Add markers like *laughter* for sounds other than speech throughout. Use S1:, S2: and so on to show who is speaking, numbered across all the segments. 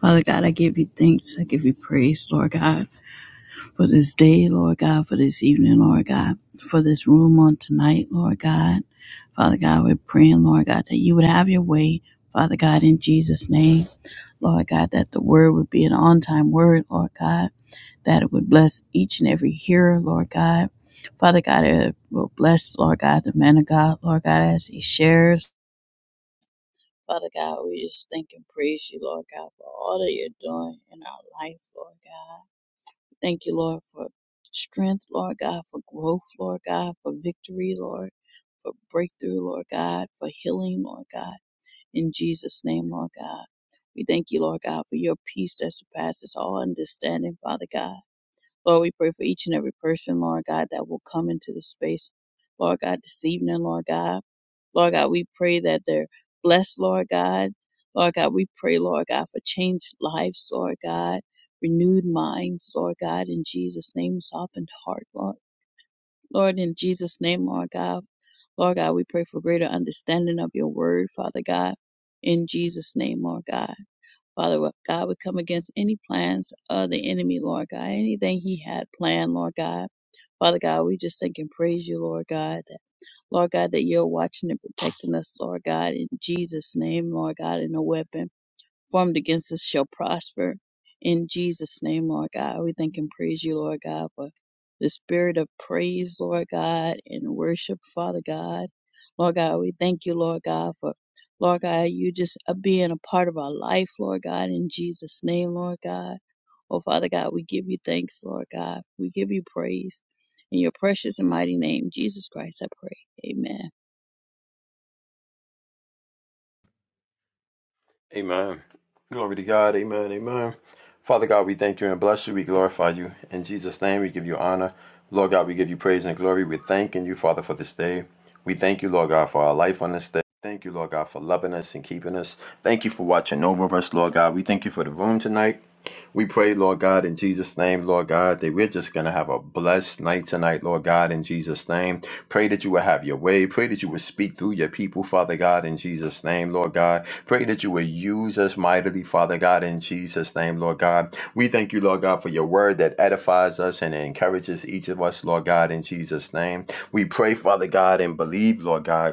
S1: Father God, I give you thanks. I give you praise, Lord God, for this day, Lord God, for this evening, Lord God, for this room on tonight, Lord God. Father God, we're praying, Lord God, that you would have your way, Father God, in Jesus' name. Lord God, that the word would be an on time word, Lord God, that it would bless each and every hearer, Lord God. Father God, it will bless, Lord God, the man of God, Lord God, as he shares. Father God, we just thank and praise you, Lord God, for all that you're doing in our life, Lord God. Thank you, Lord, for strength, Lord God, for growth, Lord God, for victory, Lord, for breakthrough, Lord God, for healing, Lord God. In Jesus' name, Lord God. We thank you, Lord God, for your peace that surpasses all understanding, Father God. Lord, we pray for each and every person, Lord God, that will come into the space, Lord God, this evening, Lord God. Lord God, we pray that they're blessed, Lord God. Lord God, we pray, Lord God, for changed lives, Lord God, renewed minds, Lord God, in Jesus' name, softened heart, Lord. Lord, in Jesus' name, Lord God. Lord God, we pray for greater understanding of your word, Father God, in Jesus' name, Lord God. Father God, we come against any plans of the enemy, Lord God, anything he had planned, Lord God. Father God, we just thank and praise you, Lord God. That, Lord God, that you're watching and protecting us, Lord God, in Jesus' name, Lord God, in the weapon formed against us shall prosper. In Jesus' name, Lord God, we thank and praise you, Lord God, for the spirit of praise, Lord God, and worship, Father God. Lord God, we thank you, Lord God, for Lord God, you just uh, being a part of our life, Lord God, in Jesus' name, Lord God. Oh, Father God, we give you thanks, Lord God. We give you praise. In your precious and mighty name, Jesus Christ, I pray. Amen.
S2: Amen. Glory to God. Amen. Amen. Father God, we thank you and bless you. We glorify you. In Jesus' name, we give you honor. Lord God, we give you praise and glory. We're thanking you, Father, for this day. We thank you, Lord God, for our life on this day. Thank you, Lord God, for loving us and keeping us. Thank you for watching over us, Lord God. We thank you for the room tonight. We pray, Lord God, in Jesus' name, Lord God, that we're just going to have a blessed night tonight, Lord God, in Jesus' name. Pray that you will have your way. Pray that you will speak through your people, Father God, in Jesus' name, Lord God. Pray that you will use us mightily, Father God, in Jesus' name, Lord God. We thank you, Lord God, for your word that edifies us and encourages each of us, Lord God, in Jesus' name. We pray, Father God, and believe, Lord God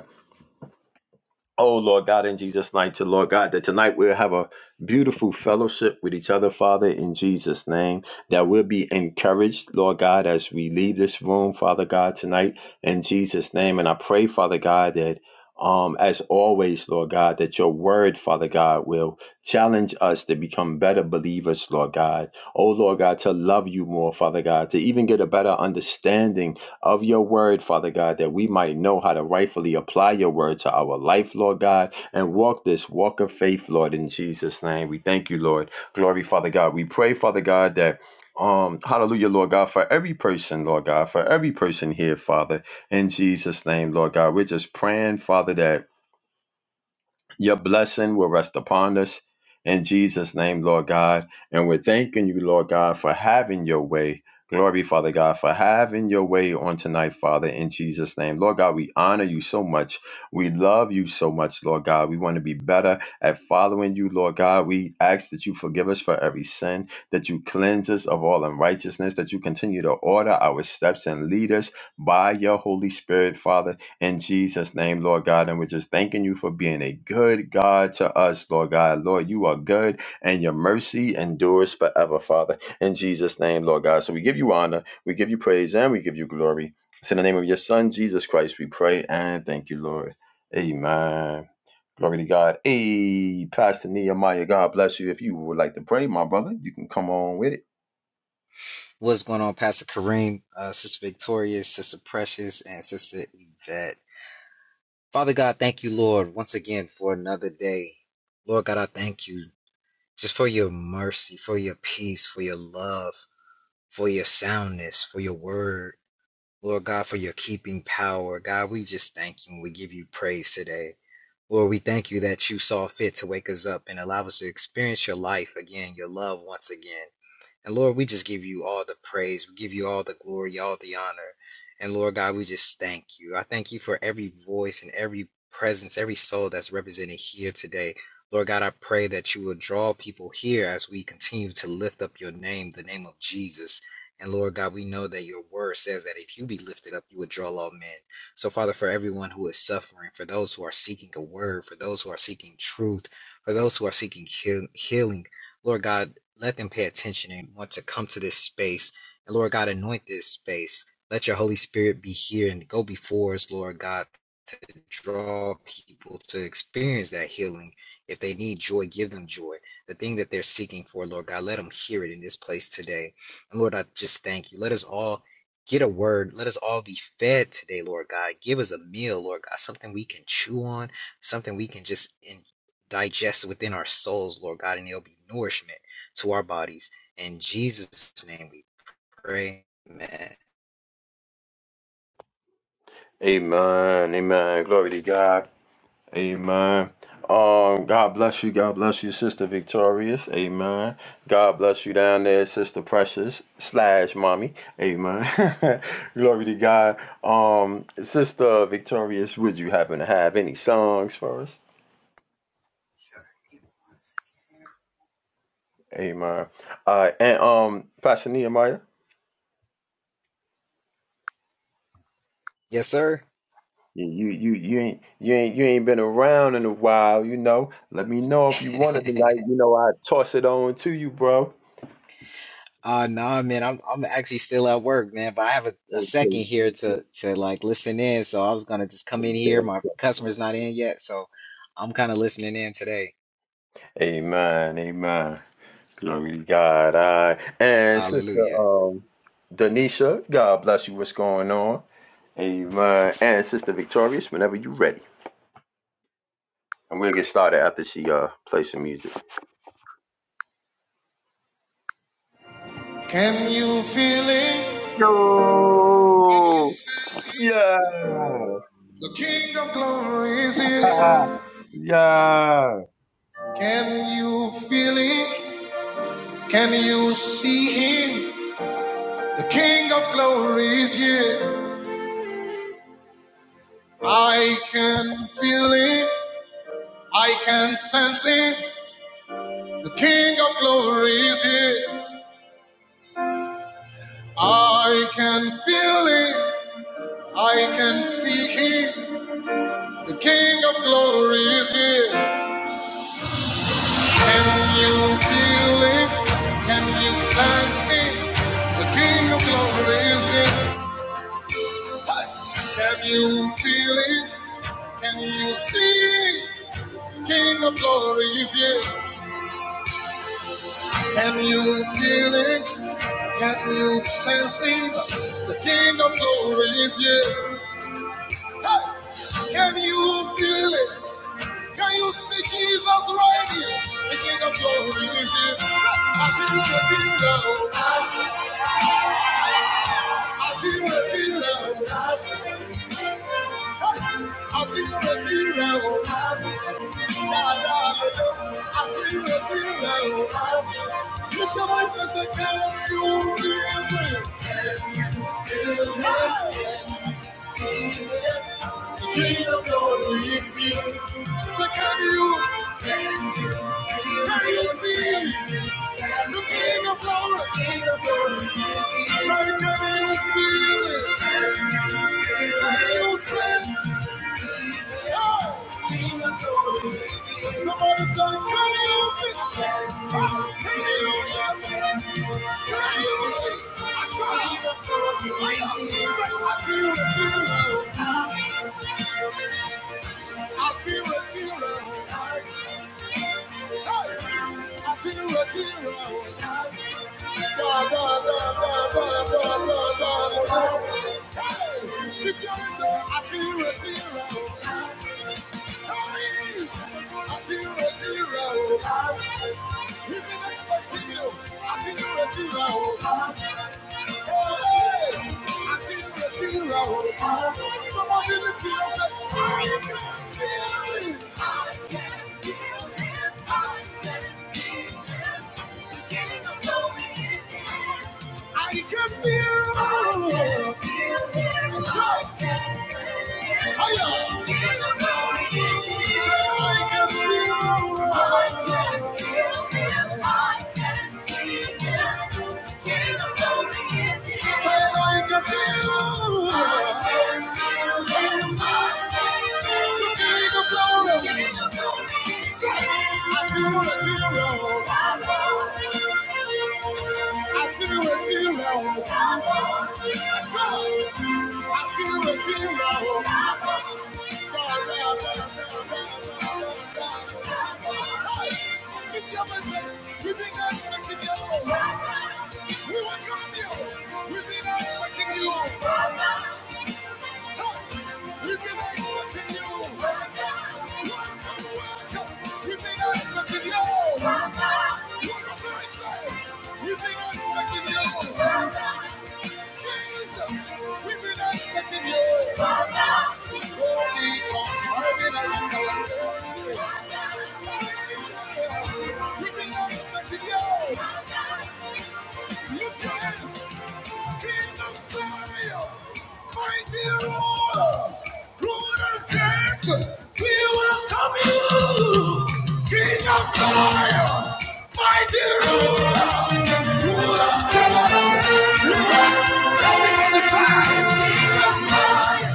S2: Oh, Lord God, in Jesus' name, to Lord God, that tonight we'll have a beautiful fellowship with each other, Father, in Jesus' name, that we'll be encouraged, Lord God, as we leave this room, Father God, tonight, in Jesus' name. And I pray, Father God, that um, as always, Lord God, that your word, Father God, will challenge us to become better believers, Lord God. Oh, Lord God, to love you more, Father God, to even get a better understanding of your word, Father God, that we might know how to rightfully apply your word to our life, Lord God, and walk this walk of faith, Lord, in Jesus' name. We thank you, Lord. Glory, Father God. We pray, Father God, that um, hallelujah, Lord God, for every person, Lord God, for every person here, Father, in Jesus' name, Lord God. We're just praying, Father, that your blessing will rest upon us in Jesus' name, Lord God. And we're thanking you, Lord God, for having your way. Glory, Father God, for having your way on tonight, Father, in Jesus' name. Lord God, we honor you so much. We love you so much, Lord God. We want to be better at following you, Lord God. We ask that you forgive us for every sin, that you cleanse us of all unrighteousness, that you continue to order our steps and lead us by your Holy Spirit, Father in Jesus' name, Lord God. And we're just thanking you for being a good God to us, Lord God. Lord, you are good and your mercy endures forever, Father. In Jesus' name, Lord God. So we give you honor, we give you praise, and we give you glory. It's in the name of your Son, Jesus Christ, we pray and thank you, Lord. Amen. Glory to God. Hey, Pastor Nehemiah, God bless you. If you would like to pray, my brother, you can come on with it.
S3: What's going on, Pastor Kareem, uh, Sister Victoria, Sister Precious, and Sister Yvette? Father God, thank you, Lord, once again for another day. Lord God, I thank you just for your mercy, for your peace, for your love, for your soundness, for your word. Lord God, for your keeping power. God, we just thank you and we give you praise today. Lord, we thank you that you saw fit to wake us up and allow us to experience your life again, your love once again. And Lord, we just give you all the praise. We give you all the glory, all the honor. And Lord God, we just thank you. I thank you for every voice and every presence, every soul that's represented here today. Lord God, I pray that you will draw people here as we continue to lift up your name, the name of Jesus. And Lord God, we know that your word says that if you be lifted up, you would draw all men. So, Father, for everyone who is suffering, for those who are seeking a word, for those who are seeking truth, for those who are seeking heal- healing, Lord God, let them pay attention and want to come to this space. And Lord God, anoint this space. Let your Holy Spirit be here and go before us, Lord God, to draw people to experience that healing. If they need joy, give them joy. The thing that they're seeking for, Lord God, let them hear it in this place today. And Lord, I just thank you. Let us all get a word. Let us all be fed today, Lord God. Give us a meal, Lord God, something we can chew on, something we can just in- digest within our souls, Lord God, and it'll be nourishment to our bodies. In Jesus' name we pray. Man.
S2: Amen. Amen. Glory to God. Amen. Um, God bless you. God bless you, Sister Victorious. Amen. God bless you down there, Sister Precious slash Mommy. Amen. *laughs* Glory to God. Um, Sister Victorious, would you happen to have any songs for us? Amen. Uh, and um, Pastor Nehemiah.
S3: Yes, sir.
S2: You you you ain't you ain't you ain't been around in a while, you know. Let me know if you
S3: *laughs*
S2: want it tonight. You know, I toss it on to you, bro.
S3: uh nah man, I'm I'm actually still at work, man, but I have a, a
S2: Okay.
S3: second here to to like listen in. So I was gonna just come in here.
S2: okay.
S3: My customer's not in yet, so I'm kinda listening in today.
S2: Amen. Amen. Glory to God. I and sister
S3: Hallelujah.
S2: um Denisha, God bless you. What's going on? Amen. And sister Victorious, whenever you are ready. And we'll get started after she uh plays some music.
S1: Can you feel it? Can you
S2: Yo!
S1: sense it?
S2: Yeah!
S1: The King of Glory is here.
S2: *laughs* yeah!
S1: Can you feel him? Can you see him? The King of Glory is here. I can feel him. I can sense him. The King of Glory is here. I can feel him. I can see him. The King of Glory is here. Can you feel him? Can you sense him? The King of Glory is here. Can you feel it? Can you see it? King of glory is here. Can you feel it? Can you sense it? The King of glory is here. Hey! Can you feel it? Can you see Jesus right here? The King of glory is here. I feel the deal. I feel the deal. I feel the deal. I feel the deal. I feel the deal. Lift your voice and say, "Can you feel The King of glory is here. So can you, can you see the King of glory? So can you feel it? Can you see? Oh. Somebody say, can you feel it? Oh, Can you feel it? Can you see? I saw it. Say, What do you do? I feel a tear Hey! I feel a tear rolling. Da, da, da, da, da, da, da, Hey! Because uh, I feel a tear Hey! I feel a tear We've been expecting you. I feel a tear I can feel him. I can feel it. I can see it. The beginning of glory is here. I can feel. it. Shout. Hiya. Say I can feel. I I can can feel it. I can see it. Hear the glory is here. Say I can feel. it. I can feel it. I can see it. We've been expecting you. We were coming here. We've been expecting you. We've been expecting you. Welcome, welcome. We've been expecting you. One more time, say. We've been expecting you. Jesus, we've been expecting you. Holy Ghost, riding around our place. We've been expecting you. Look to King of Zion, mighty ruler, ruler of kings. we welcome you. King of Zion, mighty ruler, ruler of Jason, ruler of Everybody say, King of Zion.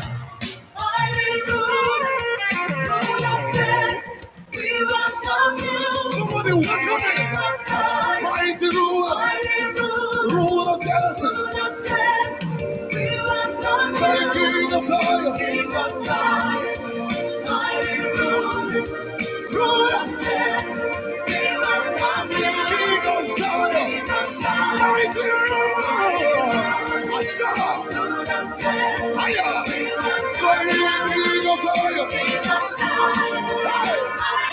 S1: Somebody welcome him. Mighty ruler. Ruler of Jesse. Say, King of Zion. Fire! Fire! Fire!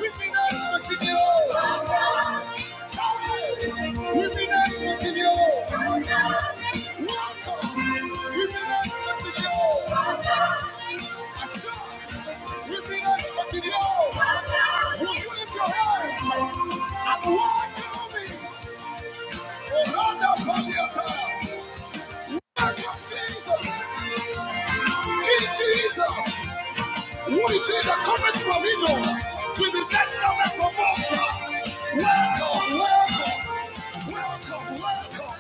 S1: With me, not expecting you. We've been expecting you. Welcome. We've been expecting you. Assured. We've been expecting you. Would you can lift your hands and walk welcome me? Another body of God. Welcome Jesus. King Jesus. Who is it the coming from Hino? With the dead coming from us. Welcome, welcome, welcome, welcome.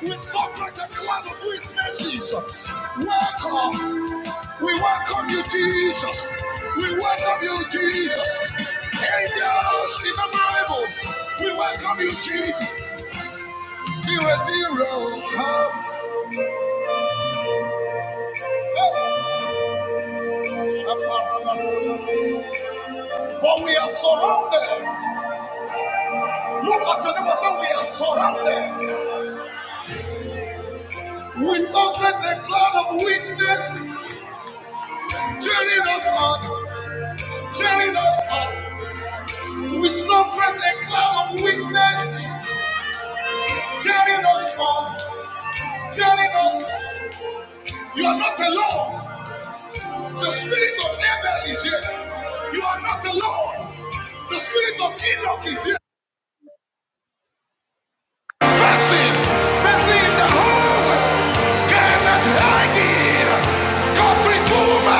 S1: We something like a cloud of witnesses. Welcome. We welcome you, Jesus. We welcome you, Jesus. Angels innumerable. We welcome you, Jesus. Zero, zero, come. For we are surrounded. Look at your neighbor, say we are surrounded. With open the cloud of witnesses, cheering us on, cheering us on. With open the cloud of witnesses. Jerry us God. Jerry us. you are not alone. The spirit of Abel is here. You are not alone. The spirit of Enoch is here. Fasting, fasting in the house. Cannot hide it. Coffee Puma.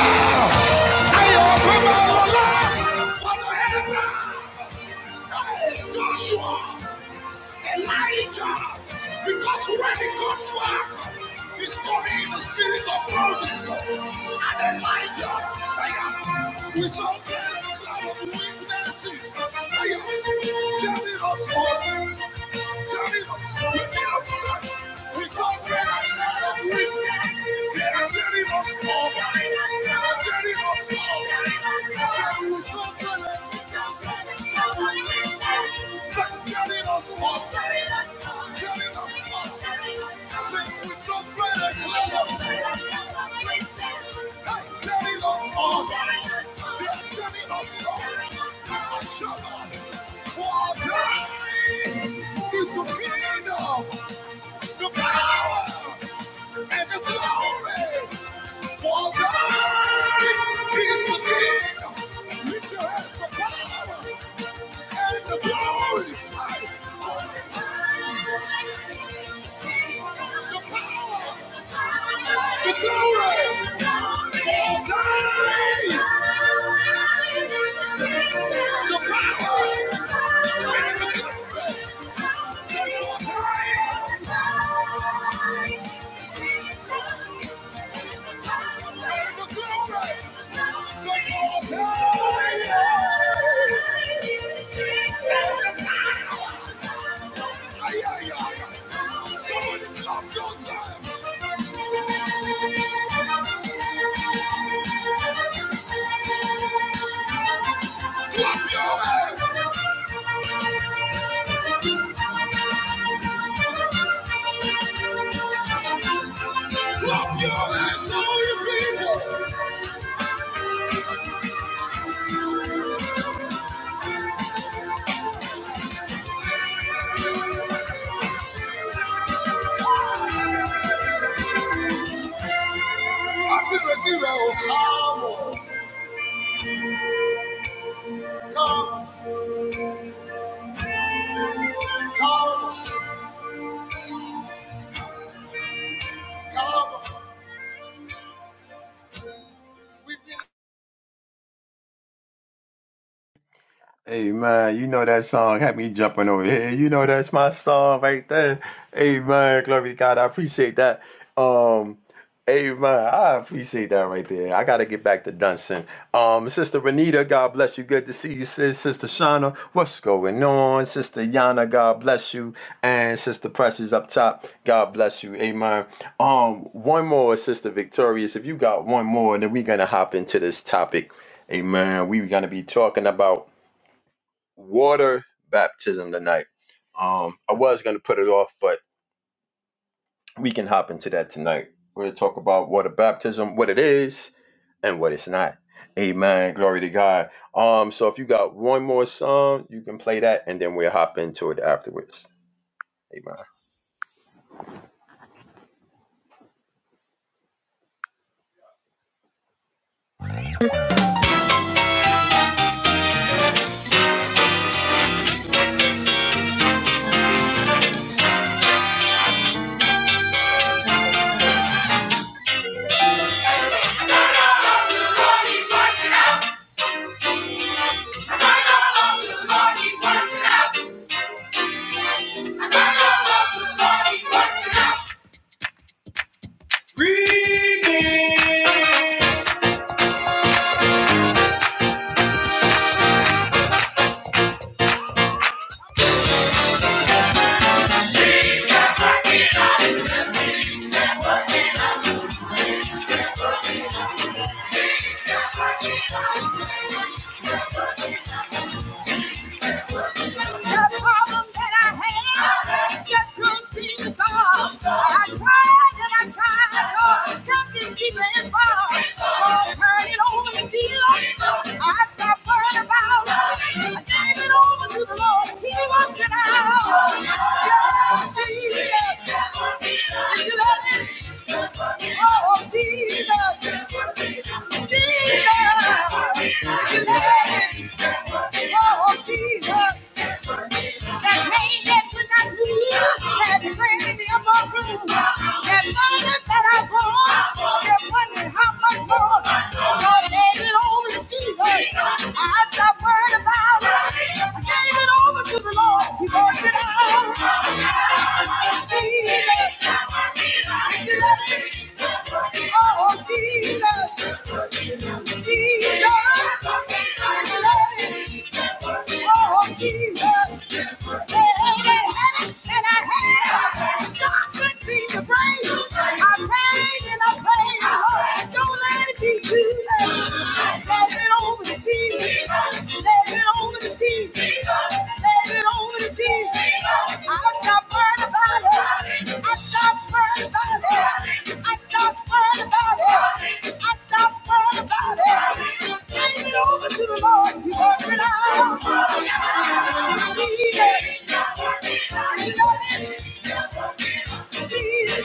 S1: I am a Puma. Father Abraham. Hey, Joshua. Elijah, because when he comes back, he's coming in the spirit of Moses and Elijah. Aye. With get a cloud of witnesses, Aye. telling us all, telling us, we get us sad. With all the cloud of witnesses, they are telling us all, they are telling us all, saying with all Say, carrying us forth. Carrying us forth. Say, with your great cloud. Hey, us on. They are carrying us on. I shall not Is the kingdom, the power, and the glory. For thine is the kingdom. Lift your hands for power and the glory, The power, the glory, the glory, the power, and the glory. Set your praise. Somebody clap your hands. Clap your hands. Clap your hands, all you people. Àti retí rẹ̀ ò káàmù, káàmù, káàmù, káàmù. We've been
S2: Hey man, you know that song had me jumping over here. You know that's my song right there. Hey man, glory to God. I appreciate that. Um, hey man, I appreciate that right there. I gotta get back to Dunson. Um, Sister Renita, God bless you. Good to see you, sis. Sister Shauna, what's going on? Sister Yana, God bless you. And Sister Precious up top, God bless you. Amen. Um, one more, Sister Victorious. If you got one more, then we're gonna hop into this topic. Amen. We're gonna be talking about water baptism tonight. Um, I was going to put it off, but we can hop into that tonight. We're going to talk about water baptism, what it is, and what it's not. Amen. Glory to God. Um, so if you got one more song, you can play that, and then we'll hop into it afterwards. Amen.
S1: Redeemed. The problem that I had just couldn't seem to solve. I tried and I tried, Lord, something deeper involved. Oh, turn it over to I stopped worrying about it. I gave it over to the Lord. Jesus. That pain that could not heal had made the upper room. That burden that I bore, that wondering how much more. God gave it over to Jesus. I'm worrying about it. I gave it over to the Lord. He worked it out. Jesus. He did it. Oh, Jesus. Jesus. I love you. Oh, Jesus. And I have God's mercy to praise. I prayed and I prayed. Lord, don't let it be too late. Pass it over to Jesus. Hand it over to Jesus. Hand it over to Jesus. I stop worrying about it. I stop worrying about it. I stop worrying about it. I stop worrying about it. Hand it over to the Lord to work it out. Jesus.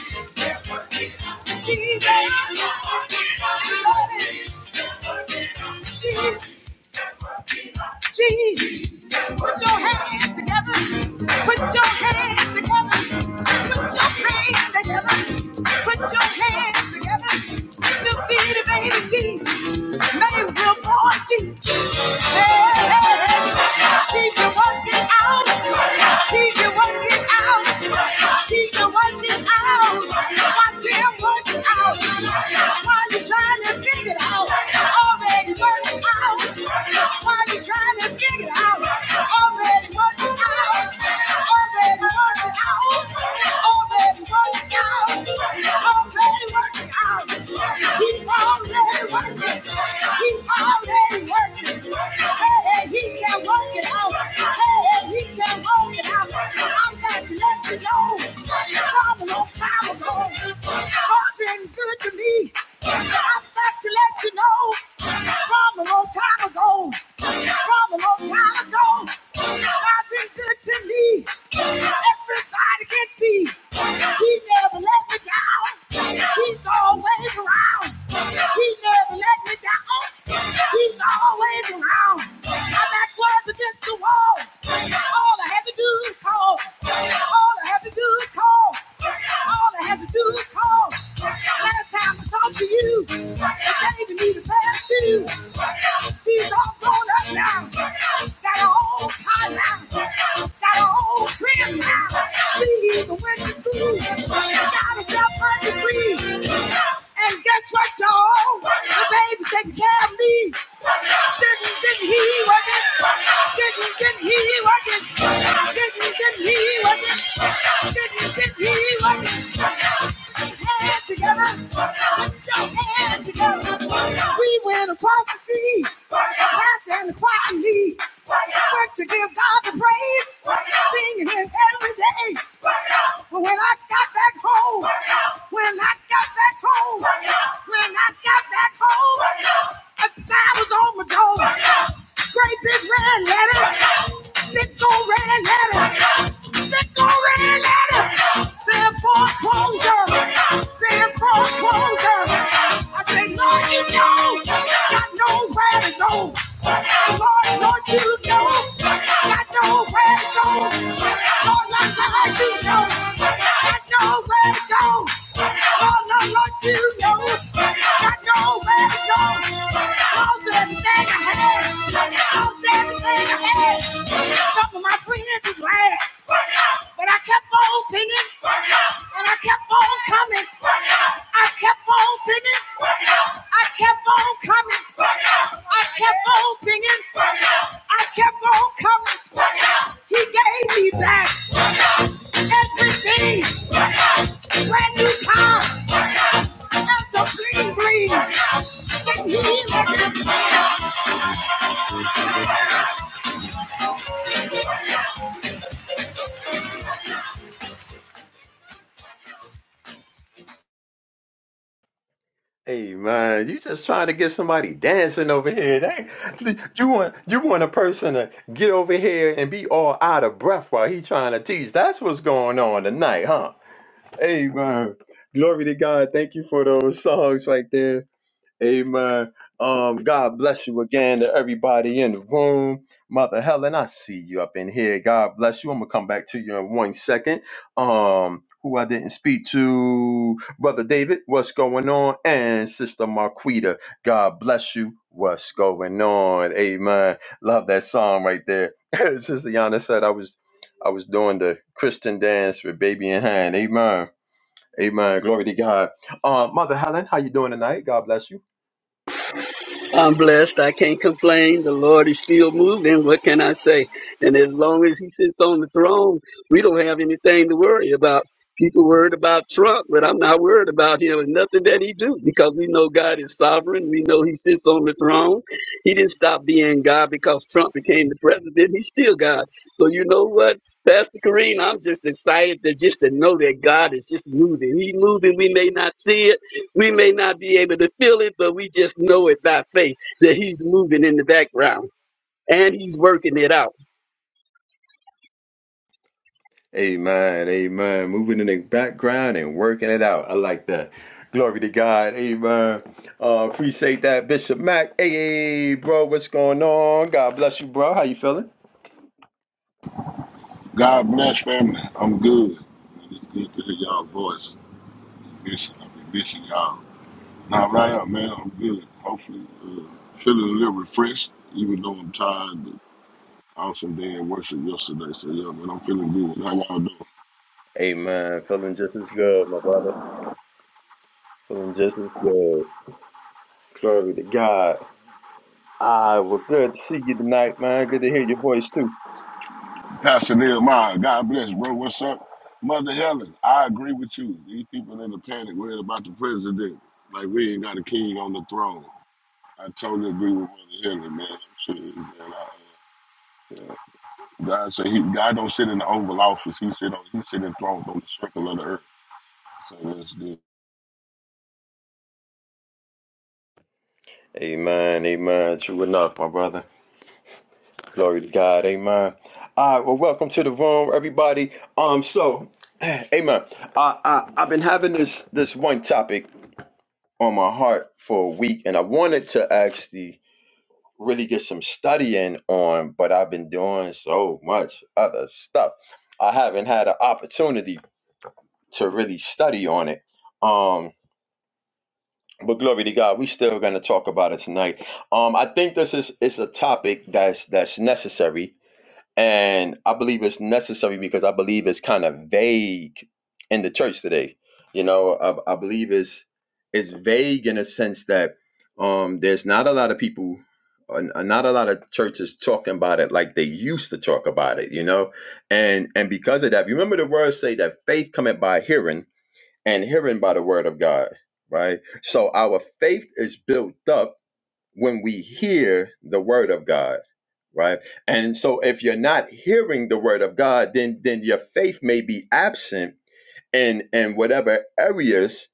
S1: Jesus. Jesus. Jesus. Jesus. Put your hands together. Put your hands together. Put your hands together. Put your hands together. To be the baby Jesus. Mayville party. Hey, hey, hey. Keep you working out. Keep you working out. Keep you working out. Watch him working out. While you trying to figure it out. Already working out. While you trying to figure it out. Already working out. Already working out. Already working out out. He Already working out. He already working. He already working. Hey, hey, he can work it out. Hey, hey, he can work it out. I'm glad to let you know. From a long time ago, God's been good to me. I'm glad to let you know. From a long time ago. From a long time ago. I've been good to me. Everybody can see. He never let me down. He's always around. He never let me down. He's always around. My back was against the wall. All I had to do is call. All I had to do is call. All I had to do is call. Last time I talked to you, it gave me the pain. She's, she's all grown up now. Got her own car now. Got her own crib now. She even went to school. She Got herself a degree. And guess what, y'all? The baby taking care of me. Didn't, didn't he work it? Didn't, didn't he work it? Didn't, didn't he work it? Didn't, didn't he work it? hands together. Hands together. We win a prophecy. Past and the choir lead. Work to give God the praise. Singing him every day. But when I got back home, when I got back home, when I got back home, a sign was on my door. Great big red letter. Big old red letter. They go red letter. Send foreclosure. Send foreclosure. I say, Lord, you know I got nowhere to go. Lord, Lord, you know I got nowhere to go. Lord, Lord, Lord, you know I got nowhere to go. Lord, Lord, Lord, you know I got nowhere to go. Lost everything I had. Lost everything I had. Some of my friends is glad. But I kept on singing. And I kept on coming. I kept on singing. I kept on coming. I kept on singing. I kept on coming. He gave me back everything. Brand new car. That's a green green. Didn't he look
S2: Amen. You just trying to get somebody dancing over here. They, you want you want a person to get over here and be all out of breath while he trying to teach. That's what's going on tonight, huh? Amen. Glory to God. Thank you for those songs right there. Amen. Um, God bless you again to everybody in the room. Mother Helen, I see you up in here. God bless you. I'm gonna come back to you in one second. Um, who I didn't speak to, Brother David, what's going on? And Sister Marquita, God bless you. What's going on? Amen. Love that song right there. *laughs* Sister Yana said I was I was doing the Christian dance with baby in hand. Amen Amen. Glory to God. Uh, Mother Helen, how you doing tonight? God bless you.
S4: I'm blessed. I can't complain. The Lord is still moving. What can I say? And as long as He sits on the throne, we don't have anything to worry about. People worried about Trump, but I'm not worried about him and nothing that he do because we know God is sovereign. We know He sits on the throne. He didn't stop being God because Trump became the president. He's still God. So you know what, Pastor Kareem, I'm just excited to just to know that God is just moving. He moving. We may not see it. We may not be able to feel it, but we just know it by faith that He's moving in the background and He's working it out.
S2: Amen. Amen. Moving in the background and working it out. I like that. Glory to God. Amen. Uh, appreciate that, Bishop Mack. Hey, hey, bro, what's going on? God bless you, bro. How you feeling?
S5: God bless family. I'm good. Man, It's good to hear y'all voice. Missing, I've been missing y'all. Now right up, man. I'm good. Hopefully, uh, feeling a little refreshed, even though I'm tired. But awesome day in worship yesterday. So yeah, man, I'm feeling good. How y'all doing?
S2: Amen. Feeling just as good, my brother. Feeling just as good. Glory to God. Ah, well, good to see you tonight, man. Good to hear your voice too.
S5: Pastor Nehemiah, God bless, bro. What's up? Mother Helen, I agree with you. These people in the panic worried about the president. Like we ain't got a king on the throne. I totally agree with Mother Helen, man. I'm serious, man. God said he, God don't sit in the Oval Office. He sit on he sit enthroned on the circle of the earth. So that's good.
S2: Amen. Amen. True enough, my brother. Glory to God. Amen. All right. Well, welcome to the room, everybody. Um. So, *clears throat* amen. I, I I've been having this this one topic on my heart for a week, and I wanted to actually really get some studying on, but I've been doing so much other stuff. I haven't had an opportunity to really study on it. Um. But glory to God, we still gonna talk about it tonight. Um, I think this is it's a topic that's that's necessary and I believe it's necessary because I believe it's kind of vague in the church today. You know, I, I believe it's it's vague in a sense that um, there's not a lot of people, uh, not a lot of churches talking about it like they used to talk about it. You know, and and because of that, remember the words say that faith cometh by hearing, and hearing by the word of God. Right. So our faith is built up when we hear the word of God, right? And so if you're not hearing the word of God, then then your faith may be absent in in whatever areas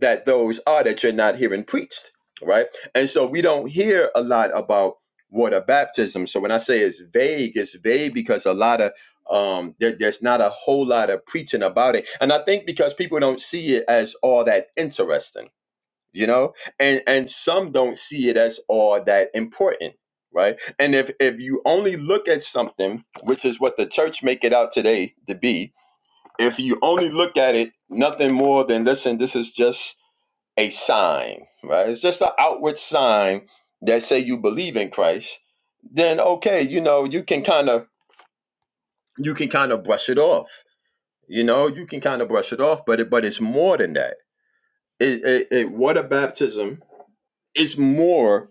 S2: that those are that you're not hearing preached, right? And so we don't hear a lot about water baptism. So when I say it's vague, it's vague because a lot of um there, there's not a whole lot of preaching about it. And I think because people don't see it as all that interesting you know and and some don't see it as all that important right and if if you only look at something which is what the church make it out today to be if you only look at it nothing more than listen this is just a sign right it's just an outward sign that say you believe in christ then okay you know you can kind of you can kind of brush it off you know you can kind of brush it off but it but it's more than that it, it, it water baptism is more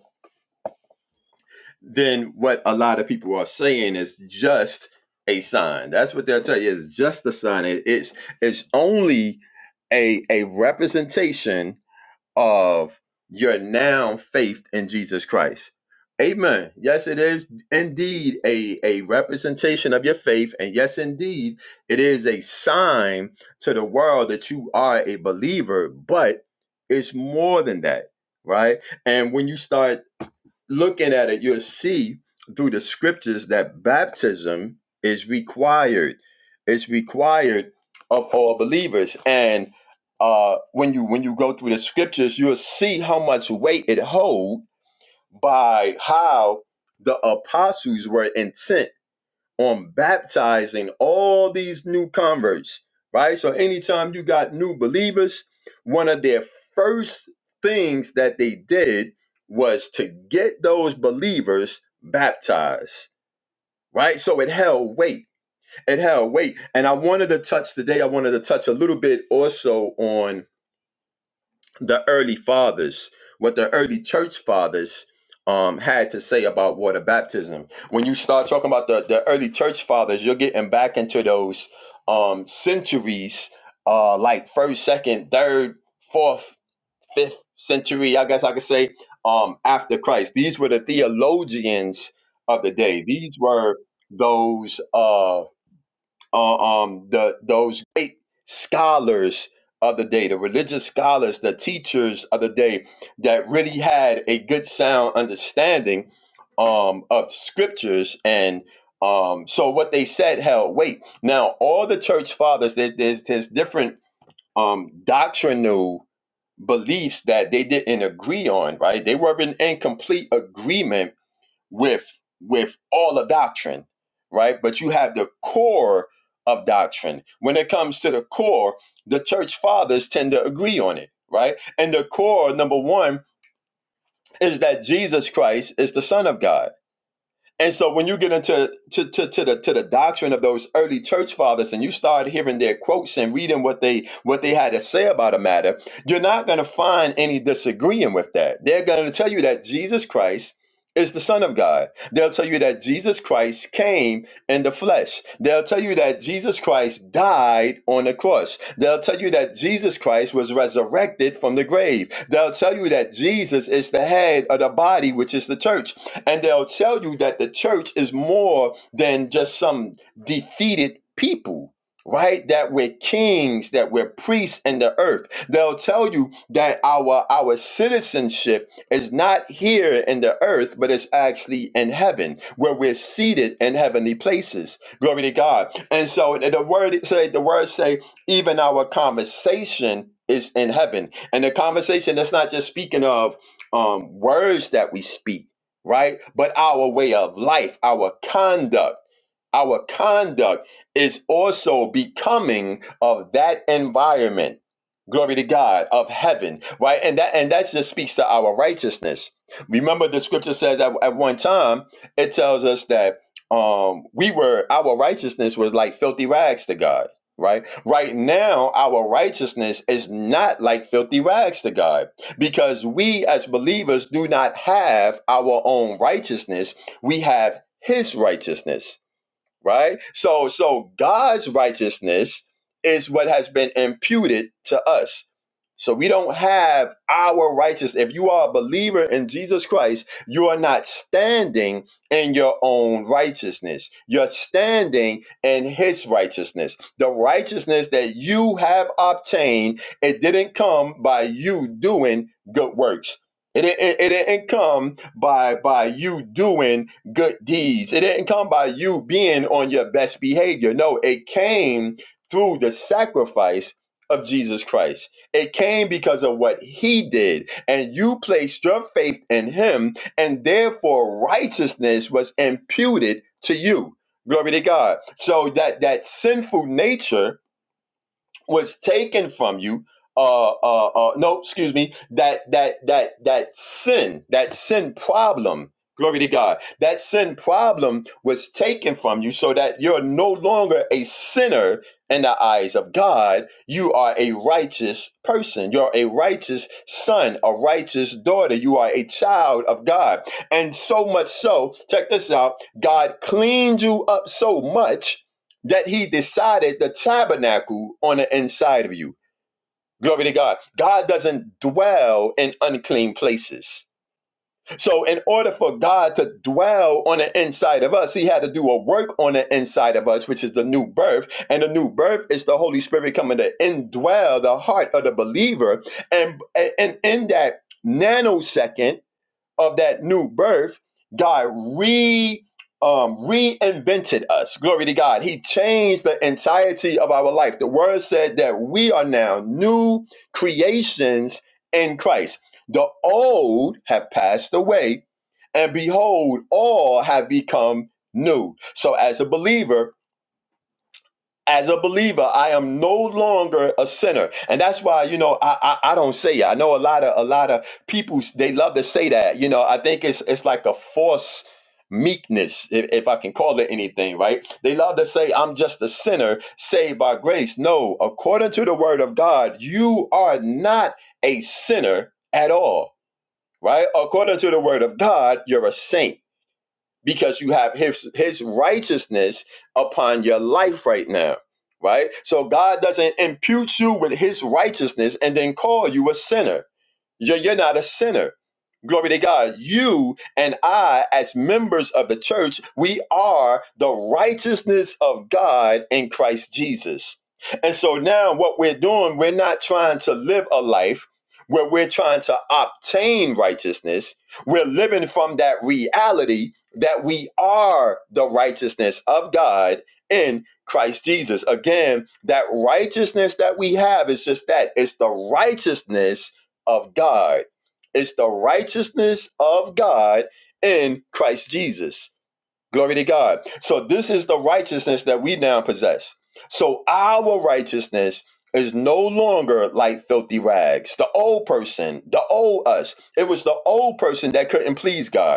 S2: then what a lot of people are saying is just a sign. That's what they'll tell you. It's just a sign. It- it's it's only a a representation of your now faith in Jesus Christ. Amen. Yes, it is indeed a, a representation of your faith. And yes, indeed, it is a sign to the world that you are a believer, but it's more than that, right? And when you start looking at it, you'll see through the scriptures that baptism is required. It's required of all believers. And uh, when you when you go through the scriptures, you'll see how much weight it holds by how the apostles were intent on baptizing all these new converts, right? So anytime you got new believers, one of their first things that they did was to get those believers baptized, right? So it held weight. It held weight. And I wanted to touch today, I wanted to touch a little bit also on the early fathers, what the early church fathers um, had to say about water baptism. When you start talking about the, the early church fathers, you're getting back into those um, centuries, uh, like first, second, third, fourth, fifth century, I guess I could say, um, after Christ. These were the theologians of the day. These were those. Uh, uh, um, the those great scholars of the day, the religious scholars, the teachers of the day that really had a good sound understanding um, of scriptures and um, so what they said held weight. Now, all the church fathers, there, there's, there's different um, doctrinal beliefs that they didn't agree on, right? They were in, in complete agreement with with all the doctrine right but you have the core of doctrine when it comes to the core the church fathers tend to agree on it right and the core number one is that jesus christ is the son of god and so when you get into to, to, to the to the doctrine of those early church fathers and you start hearing their quotes and reading what they what they had to say about a matter, you're not going to find any disagreeing with that. They're going to tell you that Jesus Christ is the Son of God. They'll tell you that Jesus Christ came in the flesh. They'll tell you that Jesus Christ died on the cross. They'll tell you that Jesus Christ was resurrected from the grave. They'll tell you that Jesus is the head of the body, which is the church. And they'll tell you that the church is more than just some defeated people, right? That we're kings, that we're priests in the earth. They'll tell you that our our citizenship is not here in the earth, but it's actually in heaven, where we're seated in heavenly places. Glory to God. And so the word say the words say, even our conversation is in heaven. And the conversation that's not just speaking of um words that we speak right? But our way of life, our conduct, our conduct is also becoming of that environment. Glory to God of heaven, right? And that and that just speaks to our righteousness. Remember, the scripture says at, at one time it tells us that um we were our righteousness was like filthy rags to God, right? Right now, our righteousness is not like filthy rags to God because we as believers do not have our own righteousness, we have his righteousness right? So so God's righteousness is what has been imputed to us. So we don't have our righteousness. If you are a believer in Jesus Christ, you are not standing in your own righteousness. You're standing in his righteousness. The righteousness that you have obtained, it didn't come by you doing good works. It, it, it didn't come by by you doing good deeds. It didn't come by you being on your best behavior. No, it came through the sacrifice of Jesus Christ. It came because of what he did. And you placed your faith in him, and therefore righteousness was imputed to you. Glory to God. So that that sinful nature was taken from you uh uh uh no excuse me that that that that sin that sin problem glory to god that sin problem was taken from you so that you're no longer a sinner in the eyes of god you are a righteous person you're a righteous son a righteous daughter you are a child of god and so much so check this out god cleaned you up so much that he decided the tabernacle on the inside of you. Glory to God. God doesn't dwell in unclean places. So, in order for God to dwell on the inside of us, He had to do a work on the inside of us, which is the new birth. And the new birth is the Holy Spirit coming to indwell the heart of the believer. And, and in that nanosecond, of that new birth, God re um, reinvented us. Glory to God. He changed the entirety of our life. The word said that we are now new creations in Christ. The old have passed away, and behold, all have become new. So, as a believer, as a believer, I am no longer a sinner, and that's why you know I I, I don't say it. I know a lot of a lot of people they love to say that. You know, I think it's it's like a force meekness, if, if I can call it anything, right? They love to say I'm just a sinner saved by grace. No, according to the Word of God, you are not a sinner at all, right? According to the Word of God, you're a saint because you have his his righteousness upon your life right now right so god doesn't impute you with his righteousness and then call you a sinner you're, you're not a sinner. Glory to God. You and I, as members of the church, we are the righteousness of God in Christ Jesus. And so now what we're doing, we're not trying to live a life where we're trying to obtain righteousness. We're living from that reality that we are the righteousness of God in Christ Jesus. Again, that righteousness that we have is just that it's the righteousness of God. It's the righteousness of God in Christ Jesus. Glory to God. So this is the righteousness that we now possess. So our righteousness is no longer like filthy rags. The old person, the old us. It was the old person that couldn't please God.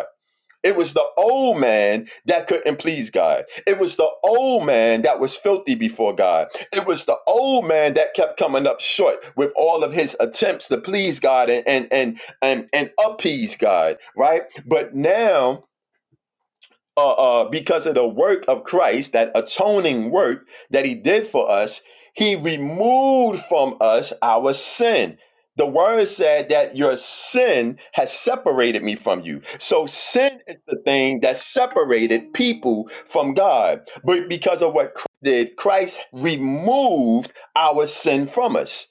S2: It was the old man that couldn't please God. It was the old man that was filthy before God. It was the old man that kept coming up short with all of his attempts to please God and and and and, and appease God, right? But now uh, uh, because of the work of Christ, that atoning work that He did for us, He removed from us our sin. The word said that your sin has separated me from you. So sin is the thing that separated people from God. But because of what Christ did, Christ removed our sin from us.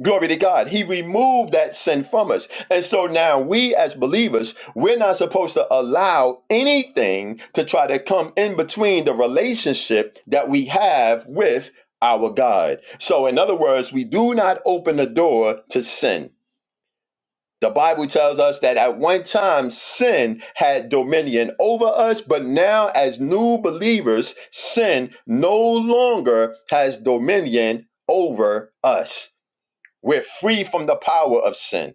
S2: Glory to God. He removed that sin from us. And so now we as believers, we're not supposed to allow anything to try to come in between the relationship that we have with our God. So, in other words, we do not open the door to sin. The Bible tells us that at one time sin had dominion over us, but now, as new believers, sin no longer has dominion over us. We're free from the power of sin.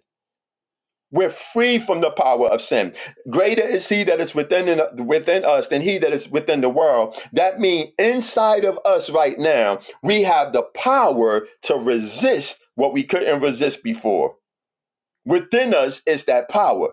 S2: We're free from the power of sin. Greater is he that is within in- within us than he that is within the world. That means inside of us right now, we have the power to resist what we couldn't resist before. Within us is that power.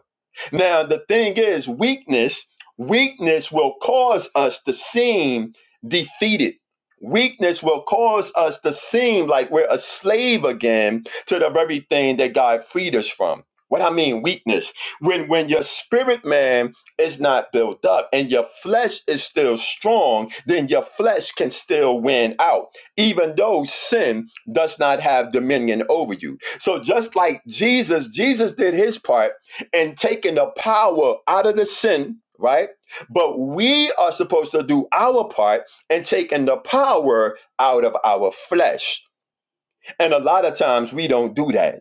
S2: Now, the thing is, weakness, weakness will cause us to seem defeated. Weakness will cause us to seem like we're a slave again to the very thing that God freed us from. What I mean, weakness. When when your spirit man is not built up and your flesh is still strong, then your flesh can still win out, even though sin does not have dominion over you. So just like Jesus, Jesus did his part and taking the power out of the sin, right? But we are supposed to do our part and taking the power out of our flesh. And a lot of times we don't do that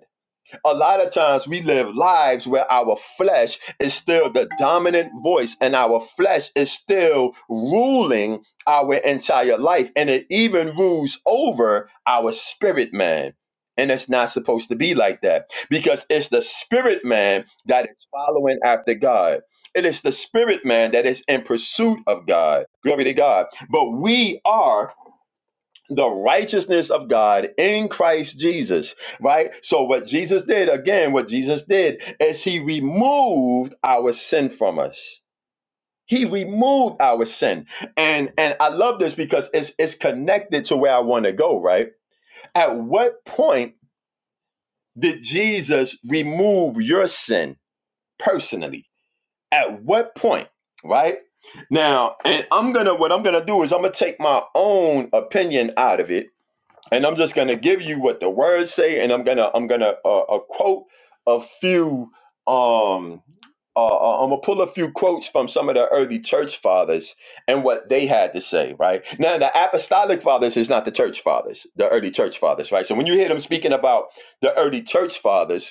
S2: a lot of times we live lives where our flesh is still the dominant voice and our flesh is still ruling our entire life and it even rules over our spirit man and it's not supposed to be like that because it's the spirit man that is following after god it is the spirit man that is in pursuit of god glory to god but we are the righteousness of God in Christ Jesus, right? So, what Jesus did, again, what Jesus did is he removed our sin from us. He removed our sin. And and I love this because it's it's connected to where I want to go, right? At what point did Jesus remove your sin personally? At what point, right? Now, and I'm gonna what I'm gonna do is I'm gonna take my own opinion out of it and I'm just gonna give you what the words say, and I'm gonna I'm gonna uh, uh, quote a few. Um, uh, uh, I'm gonna pull a few quotes from some of the early church fathers and what they had to say. Right now, the apostolic fathers is not the church fathers, the early church fathers. Right. So when you hear them speaking about the early church fathers,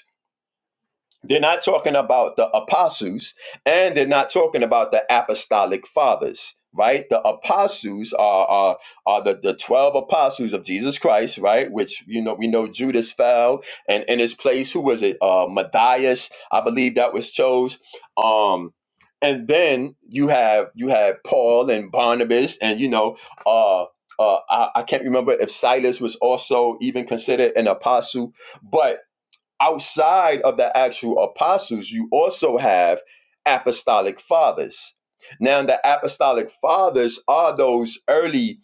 S2: they're not talking about the apostles and they're not talking about the apostolic fathers, right? The apostles are are, are the, the 12 apostles of Jesus Christ, right? Which, you know, we know Judas fell and in his place, who was it? Uh, Matthias, I believe that was chose. Um, and then you have you have Paul and Barnabas and, you know, uh, uh, I, I can't remember if Silas was also even considered an apostle, but outside of the actual apostles, you also have apostolic fathers. Now, the apostolic fathers are those early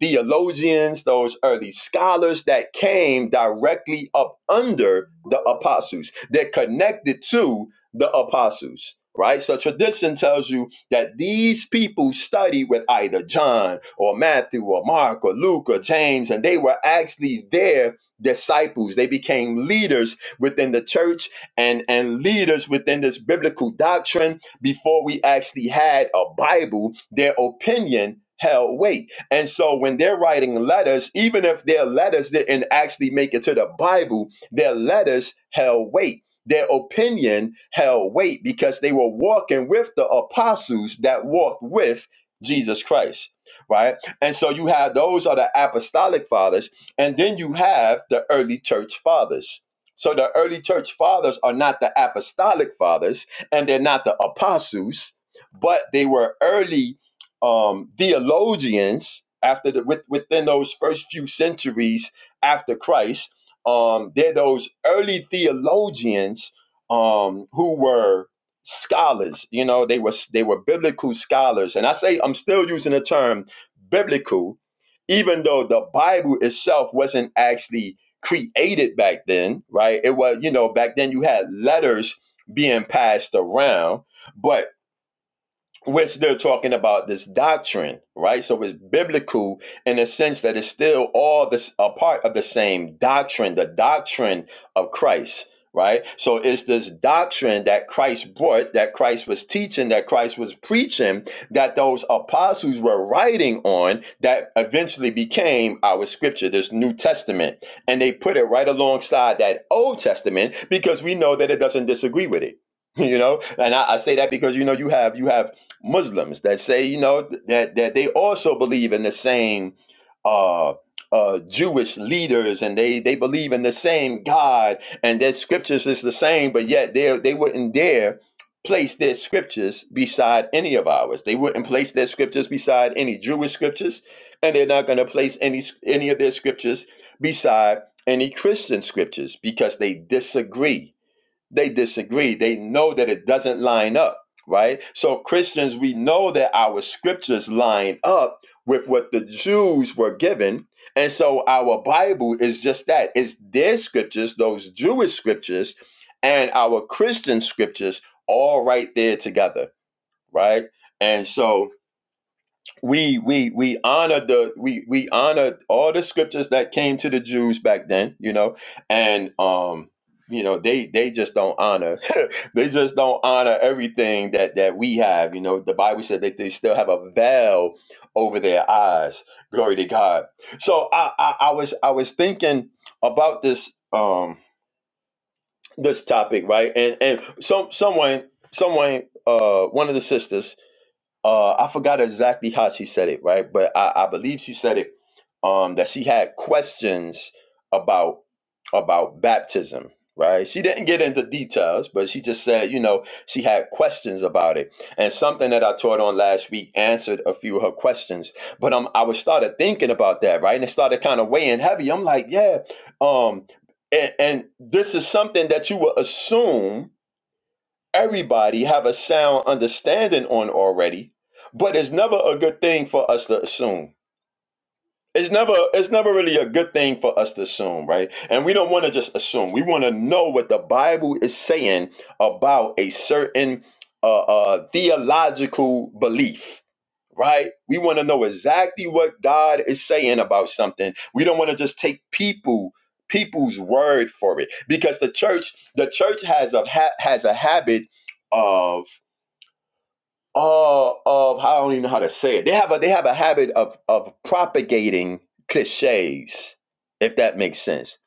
S2: theologians, those early scholars that came directly up under the apostles. They're connected to the apostles. Right? So tradition tells you that these people studied with either John or Matthew or Mark or Luke or James, and they were actually their disciples. They became leaders within the church and and leaders within this biblical doctrine before we actually had a bible their opinion held weight and so when they're writing letters even if their letters didn't actually make it to the bible their letters held weight their opinion held weight because they were walking with the apostles that walked with jesus christ right and so you have those are the apostolic fathers and then you have the early church fathers so the early church fathers are not the apostolic fathers and they're not the apostles, but they were early um, theologians after the, with, within those first few centuries after Christ. Um, they're those early theologians um, who were scholars. You know, they were they were biblical scholars, and I say I'm still using the term biblical, even though the Bible itself wasn't actually created back then, right? It was, you know, back then you had letters being passed around, but we're still talking about this doctrine, right? So it's biblical in the sense that it's still all this a part of the same doctrine, the doctrine of Christ, right? So it's this doctrine that Christ brought, that Christ was teaching, that Christ was preaching, that those apostles were writing on, that eventually became our scripture, this New Testament. And they put it right alongside that Old Testament because we know that it doesn't disagree with it. *laughs* You know, and I, I say that because you know you have you have Muslims that say, you know, that that they also believe in the same uh, uh, Jewish leaders, and they they believe in the same God, and their scriptures is the same, but yet they they wouldn't dare place their scriptures beside any of ours. They wouldn't place their scriptures beside any Jewish scriptures, and they're not going to place any any of their scriptures beside any Christian scriptures because they disagree they disagree. They know that it doesn't line up, right? So, Christians, we know that our scriptures line up with what the Jews were given. And so, our Bible is just that it's their scriptures, those Jewish scriptures, and our Christian scriptures all right there together, right? And so, we we we honor the we we honor all the scriptures that came to the Jews back then, you know, and um you know they they just don't honor *laughs* they just don't honor everything that that we have you know the bible said that they still have a veil over their eyes glory to god so i i, I was i was thinking about this um this topic right and and some someone someone uh one of the sisters uh I forgot exactly how she said it, right? But I, I believe she said it um that she had questions about about baptism, right? She didn't get into details, but she just said, you know, she had questions about it. And something that I taught on last week answered a few of her questions. But um I was started thinking about that, right? And it started kind of weighing heavy. I'm like, yeah, um and, and this is something that you would assume everybody have a sound understanding on already, but it's never a good thing for us to assume. It's never it's never really a good thing for us to assume, right? And we don't want to just assume. We want to know what the Bible is saying about a certain uh, uh, theological belief, right? We want to know exactly what God is saying about something. We don't want to just take people people's word for it because the church the church has a ha- has a habit uh, of I don't even know how to say it. They have a they have a habit of of propagating cliches, if that makes sense.